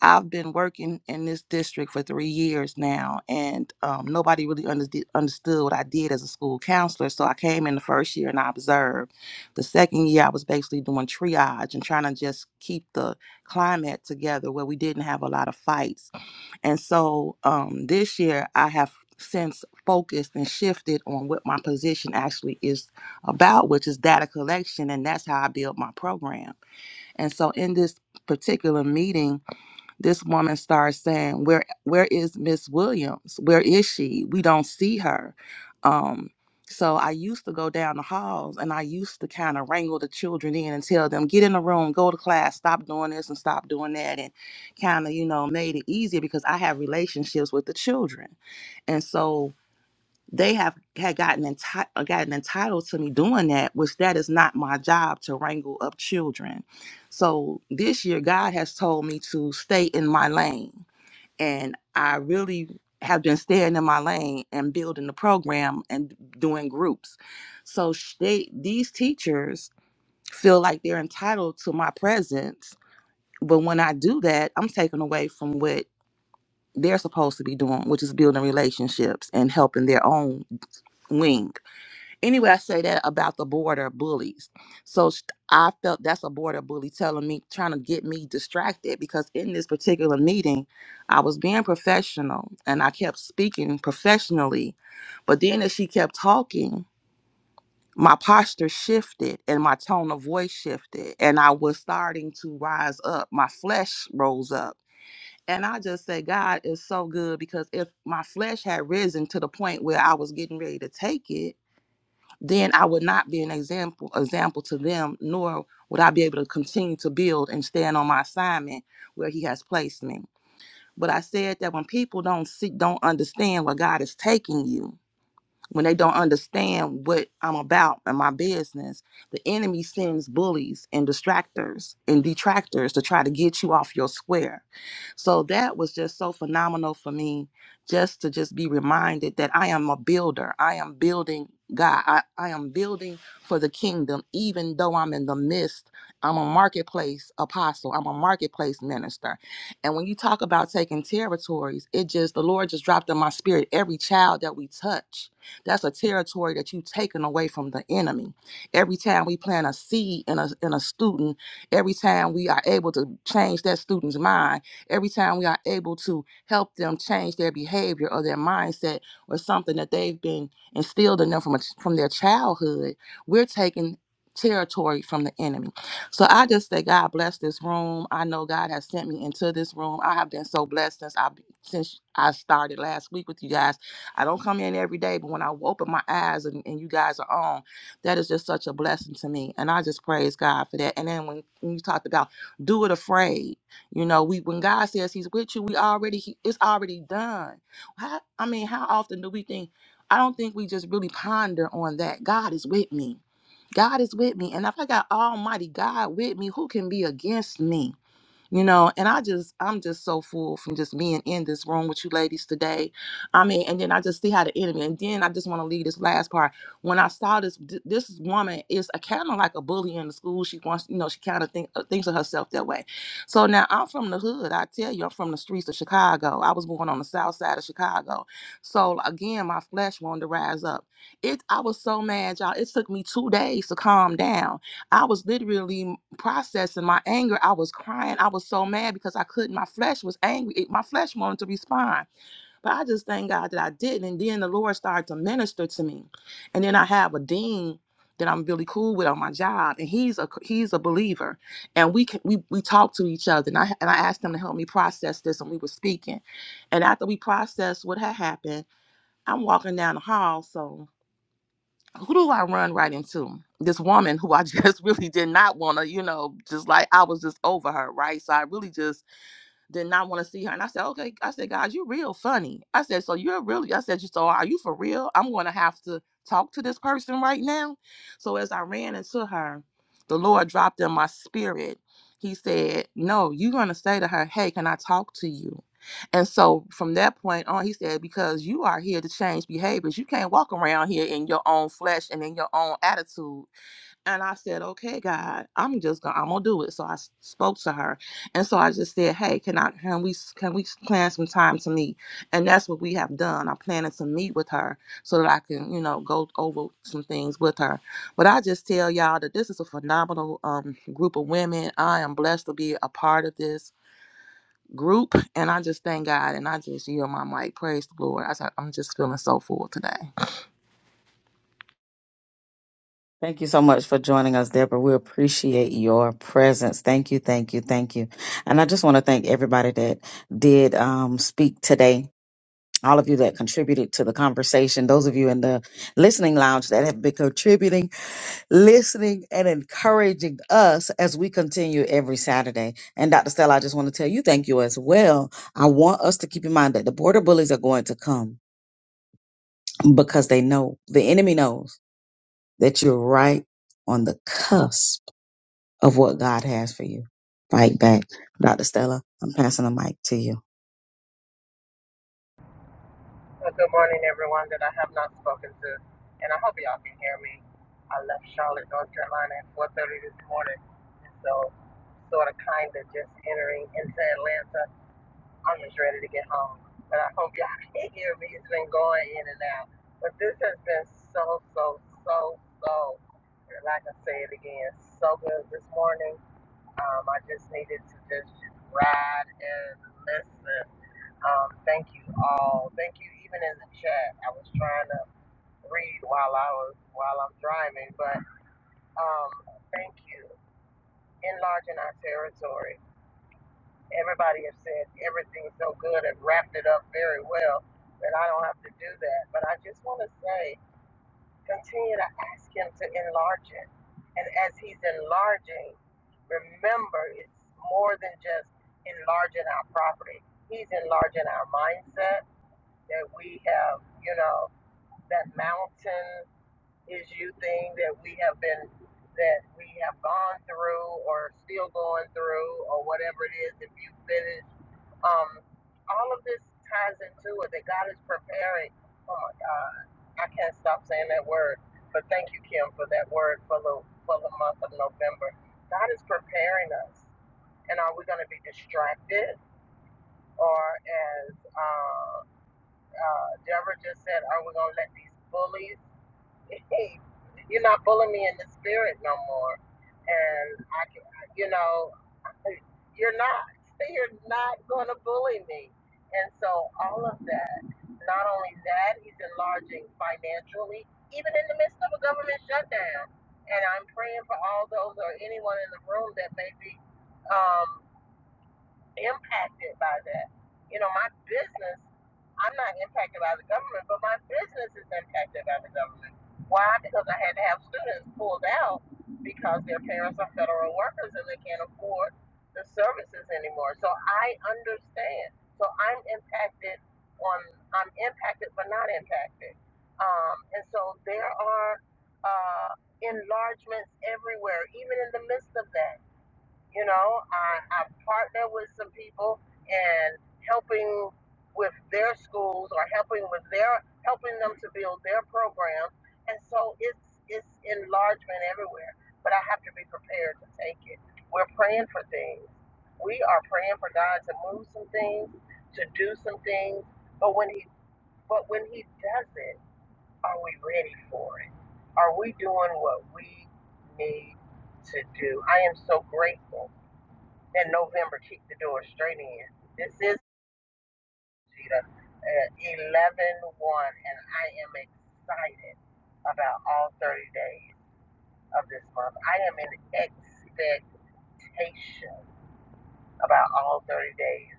I've been working in this district for three years now, and um, nobody really under- understood what I did as a school counselor. So I came in the first year and I observed. The second year, I was basically doing triage and trying to just keep the climate together where we didn't have a lot of fights. And so um, this year, I have since focused and shifted on what my position actually is about, which is data collection, and that's how I build my program. And so in this particular meeting, this woman starts saying where where is miss williams where is she we don't see her um so i used to go down the halls and i used to kind of wrangle the children in and tell them get in the room go to class stop doing this and stop doing that and kind of you know made it easier because i have relationships with the children and so they have had gotten enti- uh, gotten entitled to me doing that, which that is not my job to wrangle up children. So this year, God has told me to stay in my lane, and I really have been staying in my lane and building the program and doing groups. So sh- they these teachers feel like they're entitled to my presence, but when I do that, I'm taken away from what they're supposed to be doing, which is building relationships and helping their own wing anyway, I say that about the border bullies. So sh- I felt that's a border bully telling me, trying to get me distracted because in this particular meeting, I was being professional and I kept speaking professionally. But then as she kept talking, my posture shifted and my tone of voice shifted, and I was starting to rise up. My flesh rose up. And I just say, God is so good because if my flesh had risen to the point where I was getting ready to take it, then I would not be an example example to them, nor would I be able to continue to build and stand on my assignment where He has placed me. But I said that when people don't see, don't understand where God is taking you, when they don't understand what I'm about and my business, the enemy sends bullies and distractors and detractors to try to get you off your square. So that was just so phenomenal for me just to just be reminded that I am a builder. I am building God. I, I am building for the kingdom, even though I'm in the midst. I'm a marketplace apostle. I'm a marketplace minister. And when you talk about taking territories, it just, the Lord just dropped in my spirit every child that we touch that's a territory that you've taken away from the enemy. Every time we plant a seed in a in a student, every time we are able to change that student's mind, every time we are able to help them change their behavior or their mindset or something that they've been instilled in them from a, from their childhood, we're taking territory from the enemy. So I just say God bless this room. I know God has sent me into this room. I have been so blessed since I since I started last week with you guys. I don't come in every day, but when I open my eyes and, and you guys are on, that is just such a blessing to me. And I just praise God for that. And then when, when you talked about do it afraid, you know, we when God says He's with you, we already he, it's already done. How, I mean, how often do we think? I don't think we just really ponder on that. God is with me. God is with me. And if I got Almighty God with me, who can be against me? you know and i just i'm just so full from just being in this room with you ladies today i mean and then i just see how the enemy and then i just want to leave this last part when i saw this th- this woman is a kind of like a bully in the school she wants you know she kind of think, uh, thinks of herself that way so now i'm from the hood i tell you i'm from the streets of chicago i was born on the south side of chicago so again my flesh wanted to rise up it i was so mad y'all it took me two days to calm down I was literally processing my anger. I was crying. I was so mad because I couldn't. My flesh was angry. It- my flesh wanted to respond. But I just thank God that I didn't. And then the Lord started to minister to me. And then I have a dean that I'm really cool with on my job, and he's a he's a believer, and we can, we we talk to each other, and I and I asked him to help me process this, and we were speaking, and after we processed what had happened, I'm walking down the hall, so who do I run right into? This woman who I just really did not want to, you know, just like I was just over her, right? So I really just did not want to see her. And I said, okay. I said, guys, you're real funny. I said, so you're really, I said, so are you for real? I'm going to have to talk to this person right now. So as I ran into her, the Lord dropped in my spirit. He said, no, you're going to say to her, hey, can I talk to you? And so from that point on, he said, because you are here to change behaviors. You can't walk around here in your own flesh and in your own attitude and I said, okay, God, I'm just gonna, I'm gonna do it. So I s- spoke to her, and so I just said, hey, can I, can we, s- can we s- plan some time to meet? And that's what we have done. I'm planning to meet with her so that I can, you know, go over some things with her. But I just tell y'all that this is a phenomenal um, group of women. I am blessed to be a part of this group, and I just thank God, and I just yield my mic. Praise the Lord. I, I'm just feeling so full today. Thank you so much for joining us, Deborah. We appreciate your presence. Thank you, thank you, thank you. And I just want to thank everybody that did um, speak today all of you that contributed to the conversation, those of you in the listening lounge that have been contributing, listening, and encouraging us as we continue every Saturday. And Dr. Stella, I just want to tell you thank you as well. I want us to keep in mind that the border bullies are going to come because they know, the enemy knows that you're right on the cusp of what God has for you. Fight back. Dr. Stella, I'm passing the mic to you. Well, good morning, everyone that I have not spoken to. And I hope y'all can hear me. I left Charlotte, North Carolina at 4.30 this morning. So sort of kind of just entering into Atlanta I'm just ready to get home. But I hope y'all can hear me. It's been going in and out. But this has been so, so, so, so, and like I say it again, so good this morning. Um, I just needed to just ride and listen. Um, thank you all. Thank you. Even in the chat, I was trying to read while I was while I'm driving, but um, thank you. Enlarging our territory everybody has said everything's so good and wrapped it up very well that I don't have to do that. But I just want to say, continue to ask Him to enlarge it. And as He's enlarging, remember it's more than just enlarging our property, He's enlarging our mindset that we have, you know, that mountain issue thing that we have been that we have gone through or still going through or whatever it is if you finish um all of this ties into it that god is preparing oh my god i can't stop saying that word but thank you kim for that word for the for the month of november god is preparing us and are we going to be distracted or as uh, uh, Deborah just said, are we going to let these bullies hey, you're not bullying me in the spirit no more. And I can, you know, you're not. You're not going to bully me. And so all of that, not only that, he's enlarging financially, even in the midst of a government shutdown. And I'm praying for all those or anyone in the room that may be um, impacted by that. You know, my business, I'm not impacted by the government, but my business is impacted by the government. Why? Because I had to have students pulled out because their parents are federal workers and they can't afford the services anymore. So I understand. So I'm impacted on, I'm impacted but not impacted. Um, and so there are uh, enlargements everywhere, even in the midst of that you know, I, I partner with some people and helping with their schools or helping with their helping them to build their programs. And so it's it's enlargement everywhere. But I have to be prepared to take it. We're praying for things. We are praying for God to move some things, to do some things. But when he but when he does it, are we ready for it? Are we doing what we need to do? I am so grateful and November keep the door straight in. This is Cheetah at 11 one, and I am excited about all 30 days of this month. I am in expectation about all 30 days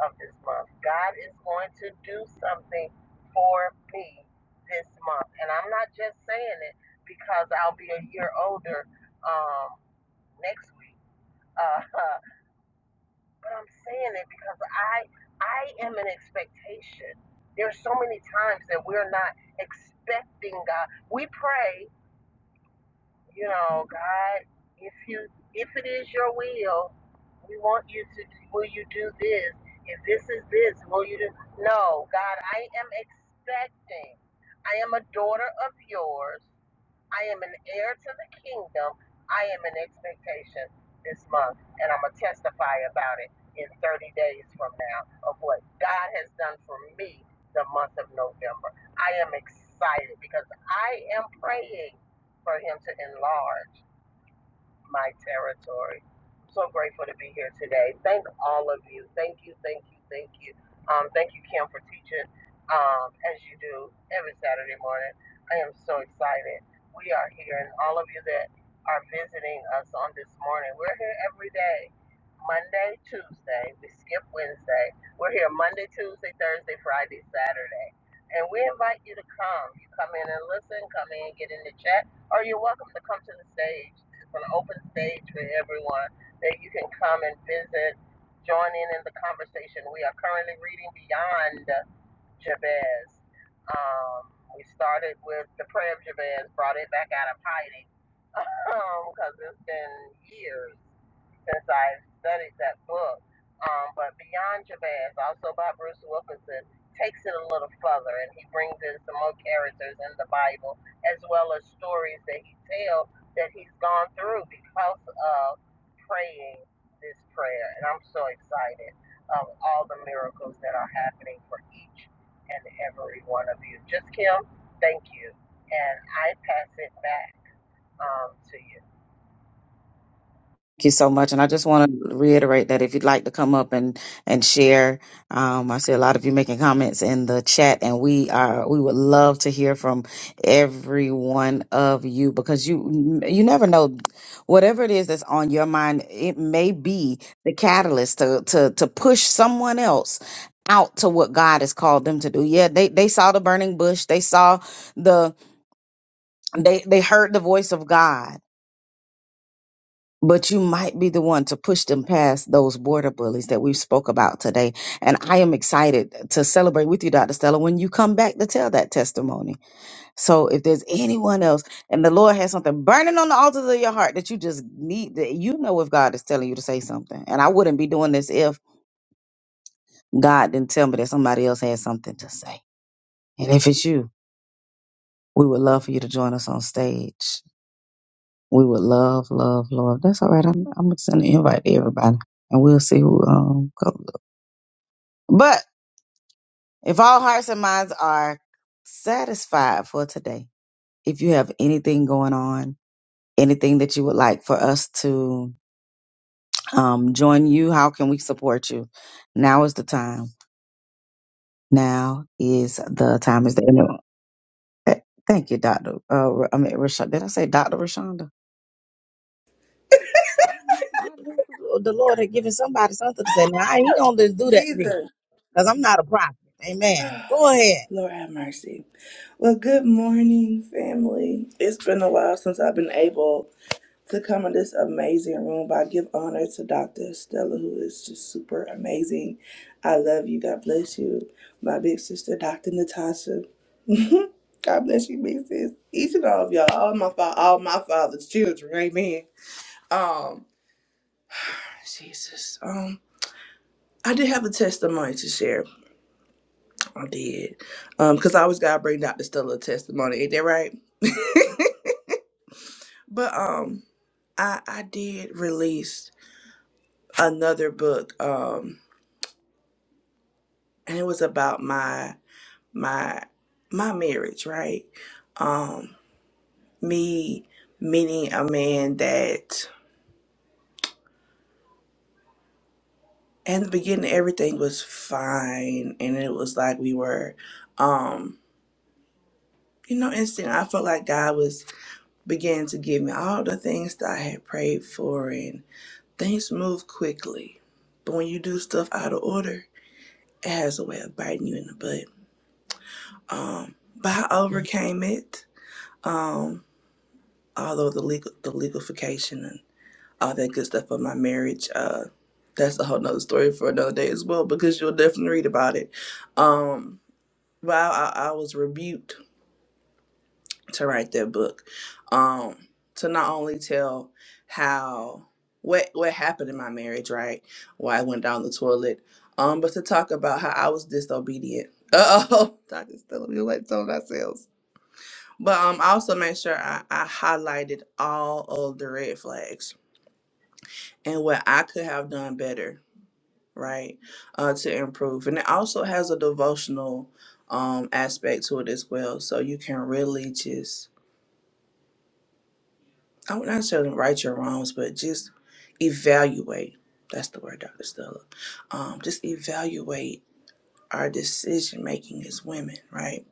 of this month. God is going to do something for me this month, and I'm not just saying it because I'll be a year older um, next week. Uh, But I'm saying it because I I am in expectation. There's so many times that we're not expecting God. We pray, you know, God, if you if it is your will, we want you to will you do this? If this is this, will you do no, God, I am expecting. I am a daughter of yours. I am an heir to the kingdom. I am in expectation this month, and I'm going to testify about it in 30 days from now of what God has done for me the month of November. I am excited because I am praying for Him to enlarge my territory. I'm so grateful to be here today. Thank all of you. Thank you, thank you, thank you. Um, thank you, Kim, for teaching um, as you do every Saturday morning. I am so excited. We are here, and all of you that are visiting us on this morning, we're here every day. Monday, Tuesday, we skip Wednesday. We're here Monday, Tuesday, Thursday, Friday, Saturday. And we invite you to come. You come in and listen, come in, and get in the chat, or you're welcome to come to the stage an open stage for everyone that you can come and visit, join in in the conversation. We are currently reading Beyond Jabez. Um, we started with the prayer of Jabez, brought it back out of hiding because um, it's been years since I studied that book. Um, but Beyond Jabez, also by Bruce Wilkinson, takes it a little further and he brings in some more characters in the Bible as well as stories that he tells that he's gone through because of praying this prayer. And I'm so excited of all the miracles that are happening for each and every one of you. Just Kim, thank you. And I pass it back um, to you. Thank you so much. And I just want to reiterate that if you'd like to come up and and share, um, I see a lot of you making comments in the chat, and we are we would love to hear from every one of you because you you never know whatever it is that's on your mind, it may be the catalyst to to to push someone else out to what God has called them to do. Yeah, they they saw the burning bush, they saw the They they heard the voice of God, but you might be the one to push them past those border bullies that we spoke about today. And I am excited to celebrate with you, Dr. Stella, when you come back to tell that testimony. So if there's anyone else and the Lord has something burning on the altars of your heart that you just need that you know if God is telling you to say something. And I wouldn't be doing this if God didn't tell me that somebody else had something to say. And if it's you, we would love for you to join us on stage. We would love, love, love. That's all right. I'm, I'm gonna send an invite to everybody, and we'll see who um comes up. But if all hearts and minds are satisfied for today, if you have anything going on, anything that you would like for us to um join you, how can we support you? Now is the time. Now is the time. Is there anyone? eh, Thank you, Doctor. Uh, I mean, Rashonda. Did I say Doctor Rashonda? I knew the Lord had given somebody something to say. Nah, he don't just do that to me. Jesus. because I'm not a prophet. Amen. Go ahead. Lord have mercy. Well, good morning, family. It's been a while since I've been able to come in this amazing room, but I give honor to Dr. Stella, who is just super amazing. I love you. God bless you. My big sister, Dr. Natasha. God bless you, big sis. Each and all of y'all, all my fa- all my father's children. Amen. Um, Jesus. Um, I did have a testimony to share. I did. Um, because I always gotta bring Dr. Stella testimony, ain't that right? but um I I did release another book, um, and it was about my my my marriage, right? Um, me meeting a man that in the beginning everything was fine and it was like we were um you know, instant I felt like God was began to give me all the things that I had prayed for and Things move quickly, but when you do stuff out of order, it has a way of biting you in the butt. Um, but I overcame it. Um, although the legal, the legalification and all that good stuff of my marriage, uh, that's a whole nother story for another day as well because you'll definitely read about it. Um, but I, I, I was rebuked to write their book um to not only tell how what what happened in my marriage right why i went down the toilet um but to talk about how i was disobedient uh-oh doctor's telling me let's ourselves but um I also made sure I, I highlighted all of the red flags and what i could have done better right uh to improve and it also has a devotional um aspect to it as well so you can really just I would not tell them right your wrongs, but just evaluate. That's the word, Dr. Stella. Um, just evaluate our decision making as women, right?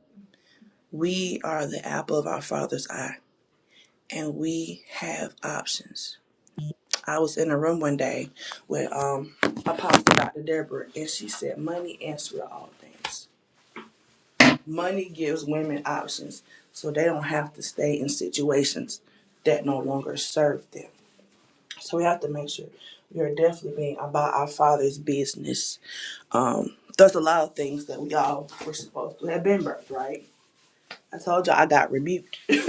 We are the apple of our father's eye and we have options. I was in a room one day with um Apostle Dr. Deborah and she said money answers all things. Money gives women options so they don't have to stay in situations that no longer serve them So we have to make sure we are definitely being about our Father's business. Um, there's a lot of things that we all were supposed to have been birthed, right? I told y'all I got rebuked, and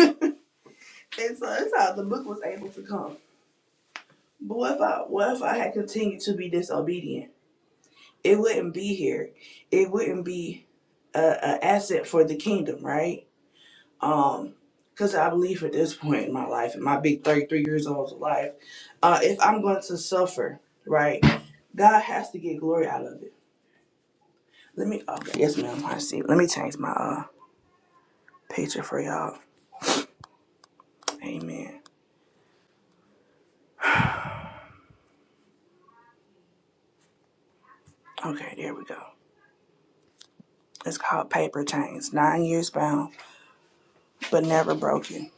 so that's how the book was able to come. But what if I, what if I had continued to be disobedient? It wouldn't be here. It wouldn't be a, a asset for the kingdom, right? um because i believe at this point in my life in my big 33 years old life uh if i'm going to suffer right god has to get glory out of it let me okay yes ma'am i see let me change my uh picture for y'all amen okay there we go it's called paper chains nine years bound but never broken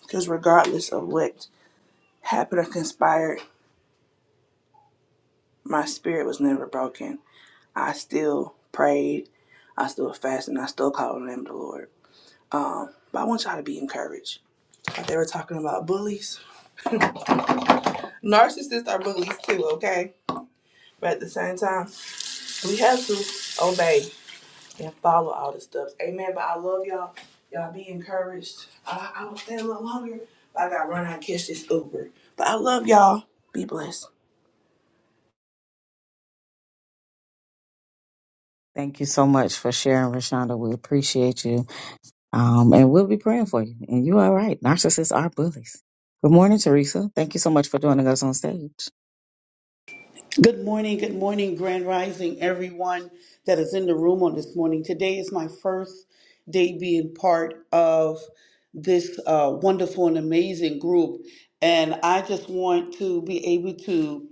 because regardless of what happened or conspired my spirit was never broken i still prayed i still fasted and i still called on the name of the lord Um, but I want y'all to be encouraged. Like they were talking about bullies. Narcissists are bullies too, okay? But at the same time, we have to obey and follow all the stuff. Amen. But I love y'all. Y'all be encouraged. I, I will stay a little longer, but I got to run out and catch this Uber. But I love y'all. Be blessed. Thank you so much for sharing, Rashonda. We appreciate you. Um, and we'll be praying for you. And you are right. Narcissists are bullies. Good morning, Teresa. Thank you so much for joining us on stage. Thank Good morning, good morning, Grand Rising, everyone that is in the room on this morning. Today is my first day being part of this uh, wonderful and amazing group, and I just want to be able to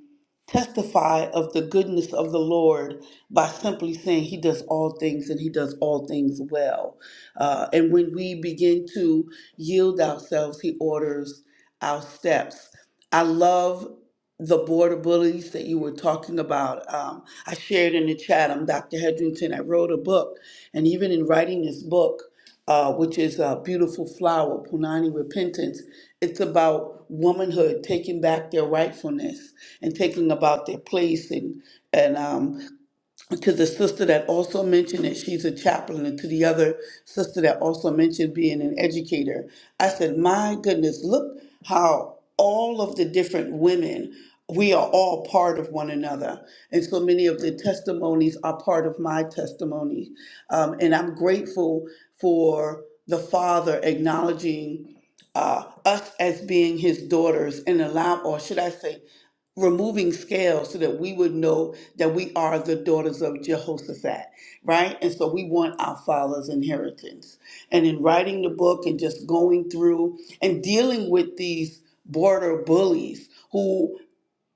testify of the goodness of the Lord by simply saying He does all things and He does all things well. Uh, and when we begin to yield ourselves, He orders our steps. I love the border bullies that you were talking about. Um, I shared in the chat, I'm Dr. Hedrington. I wrote a book, and even in writing this book, uh, which is a beautiful flower, Punani Repentance, it's about womanhood taking back their rightfulness and taking about their place and and um, to the sister that also mentioned that she's a chaplain and to the other sister that also mentioned being an educator i said my goodness look how all of the different women we are all part of one another and so many of the testimonies are part of my testimony Um, and i'm grateful for the father acknowledging uh, us as being his daughters and allow or should i say removing scales so that we would know that we are the daughters of Jehoshaphat, right? And so we want our father's inheritance. And in writing the book and just going through and dealing with these border bullies who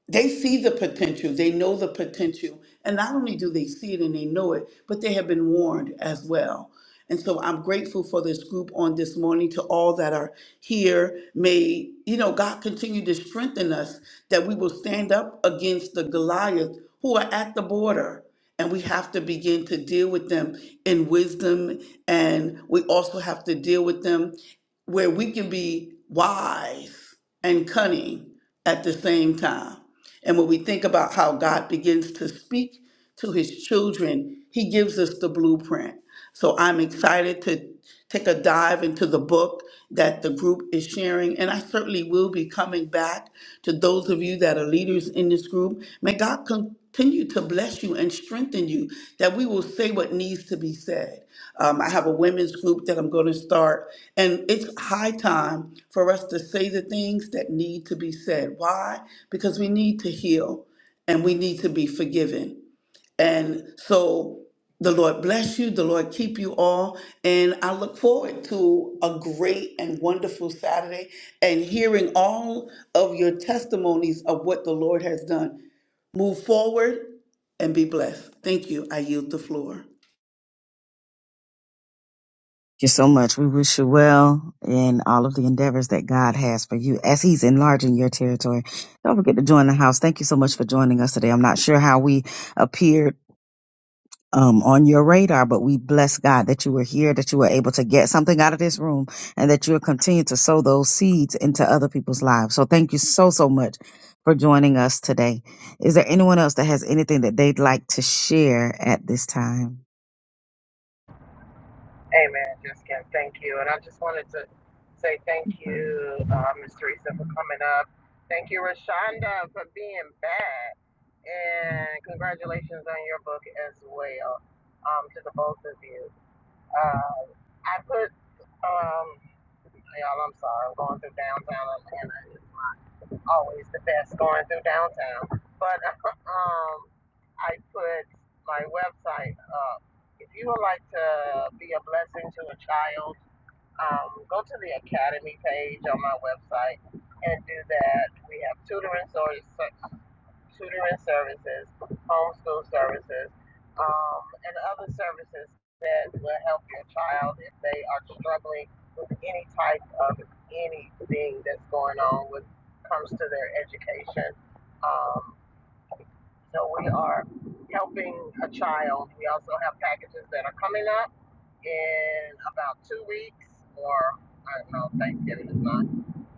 they see the potential they know the potential and not only do they see it and they know it but they have been warned as well and so i'm grateful for this group on this morning to all that are here may you know god continue to strengthen us that we will stand up against the goliath who are at the border and we have to begin to deal with them in wisdom and we also have to deal with them where we can be wise and cunning at the same time. And when we think about how God begins to speak to his children, he gives us the blueprint. So I'm excited to take a dive into the book that the group is sharing. And I certainly will be coming back to those of you that are leaders in this group. May God con- continue to bless you and strengthen you that we will say what needs to be said. Um, I have a women's group that I'm going to start, and it's high time for us to say the things that need to be said. Why? Because we need to heal and we need to be forgiven. And so the Lord bless you, the Lord keep you all, and I look forward to a great and wonderful Saturday and hearing all of your testimonies of what the Lord has done. Move forward and be blessed. Thank you. I yield the floor. you so much. We wish you well in all of the endeavors that God has for you as He's enlarging your territory. Don't forget to join the house. Thank you so much for joining us today. I'm not sure how we appeared um, on your radar, but we bless God that you were here, that you were able to get something out of this room, and that you'll continue to sow those seeds into other people's lives. So thank you so, so much for joining us today. Is there anyone else that has anything that they'd like to share at this time? Amen, Jessica. Thank you. And I just wanted to say thank Sorry. you, uh, Ms. Teresa, for coming up. Thank you, Rashonda, for being back. And congratulations on your book as well um, to the both of you. Uh, I put, um, y'all, I'm sorry, I'm going through downtown Atlanta. It's not always the best going through downtown. But um, I put my website up. If you would like to be a blessing to a child, um, go to the academy page on my website and do that. We have tutoring services, tutoring services, homeschool services, um, and other services that will help your child if they are struggling with any type of anything that's going on with comes to their education. Um, so we are helping a child. We also have packages that are coming up in about two weeks, or I don't know, Thanksgiving is not.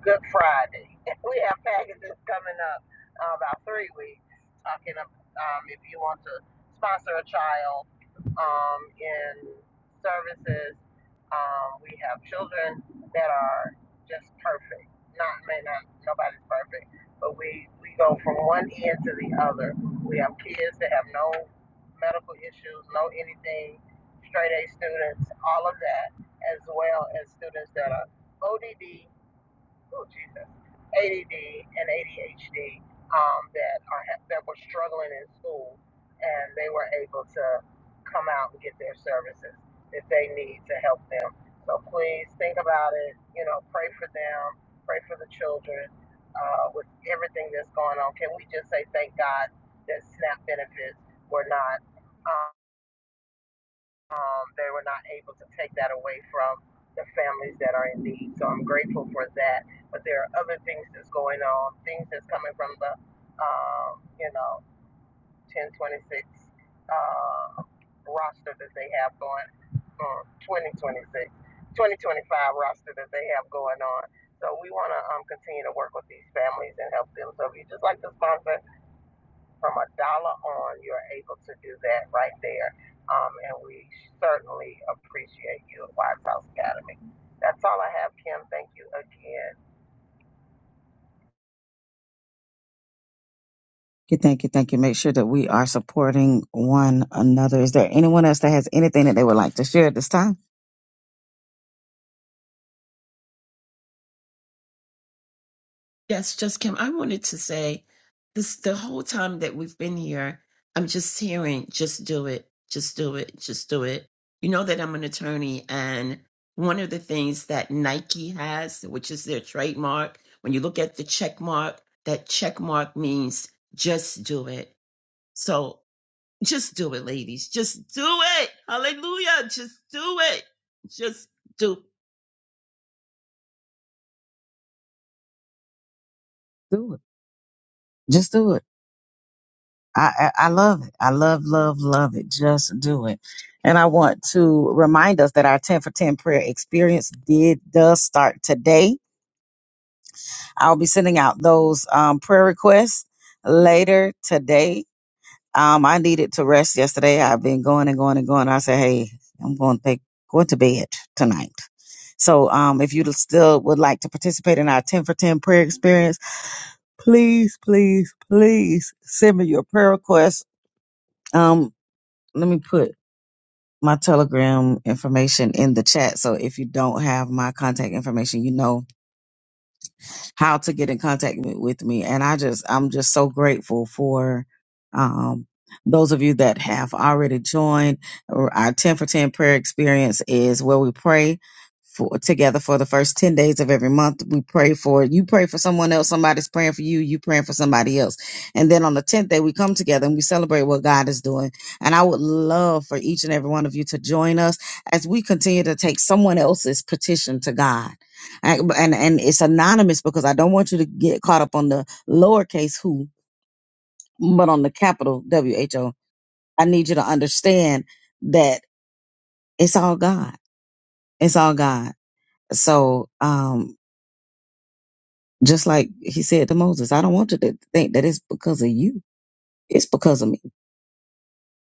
Good Friday. We have packages coming up uh, about three weeks. Talking about um, if you want to sponsor a child um, in services, um, we have children that are just perfect. Not may not nobody's perfect, but we we go from one end to the other. We have kids that have no medical issues, no anything, straight A students, all of that, as well as students that are ODD oh Jesus, ADD and ADHD um, that are that were struggling in school, and they were able to come out and get their services that they need to help them. So please think about it. You know, pray for them, pray for the children. Uh, with everything that's going on, can we just say thank God that SNAP benefits were not? um, um, they were not able to take that away from the families that are in need. So I'm grateful for that. But there are other things that's going on, things that's coming from the, um, you know, 1026 uh, roster that they have going, um, 2026, 2025 roster that they have going on. So we want to um, continue to work with these families and help them. So if you just like to sponsor from a dollar on, you're able to do that right there. Um, and we certainly appreciate you at Wise House Academy. That's all I have, Kim. Thank you again. Thank you, thank you, thank you. Make sure that we are supporting one another. Is there anyone else that has anything that they would like to share at this time? Yes, just Kim. I wanted to say this the whole time that we've been here, I'm just hearing, just do it, just do it, just do it. You know that I'm an attorney, and one of the things that Nike has, which is their trademark, when you look at the check mark, that check mark means just do it. So just do it, ladies. Just do it. Hallelujah. Just do it. Just do Do it. Just do it. I, I I love it. I love, love, love it. Just do it. And I want to remind us that our 10 for 10 prayer experience did does start today. I'll be sending out those um, prayer requests later today. Um, I needed to rest yesterday. I've been going and going and going. I said, hey, I'm going to take going to bed tonight. So um, if you still would like to participate in our 10 for 10 prayer experience, please, please, please send me your prayer requests. let me put my telegram information in the chat so if you don't have my contact information you know how to get in contact me- with me. And I just, I'm just so grateful for um, those of you that have already joined. Our our 10 for 10 prayer experience is where we pray for together for the first 10 days of every month. We pray for you, pray for someone else. Somebody's praying for you, you praying for somebody else. And then on the 10th day, we come together and we celebrate what God is doing. And I would love for each and every one of you to join us as we continue to take someone else's petition to God. I, and and it's anonymous because I don't want you to get caught up on the lowercase who, but on the capital W H O. I need you to understand that it's all God. It's all God. So, um, just like He said to Moses, I don't want you to think that it's because of you. It's because of me.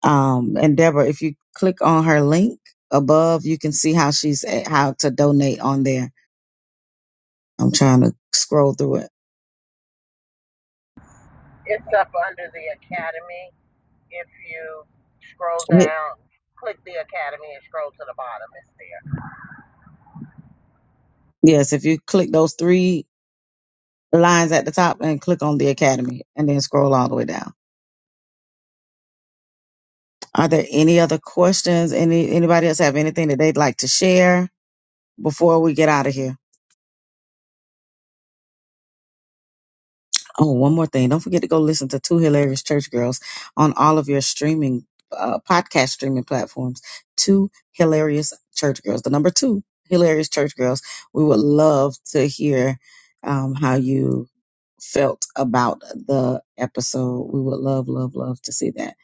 Um, and Deborah, if you click on her link above, you can see how she's eh, how to donate on there. I'm trying to scroll through it. It's up under the Academy. If you scroll Hit- down, click the Academy and scroll to the bottom. It's there. Yes, if you click those three the lines at the top and click on the academy and then scroll all the way down. Are there any other questions? Any anybody else have anything that they'd like to share before we get out of here? Oh, one more thing. Don't forget to go listen to Two Hilarious Church Girls on all of your streaming uh, podcast streaming platforms. Two Hilarious Church Girls. The number two Hilarious Church Girls. We would love to hear um, how you felt about the episode. We would love, love, love to see that.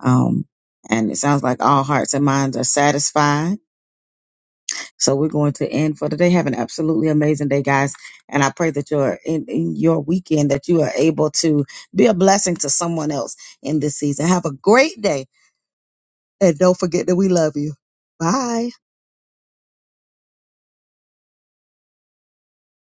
Um, and it sounds like all hearts and minds are satisfied. So we're going to end for today. Have an absolutely amazing day, guys. And I pray that your in, in your weekend that you are able to be a blessing to someone else in this season. Have a great day, and don't forget that we love you. Bye.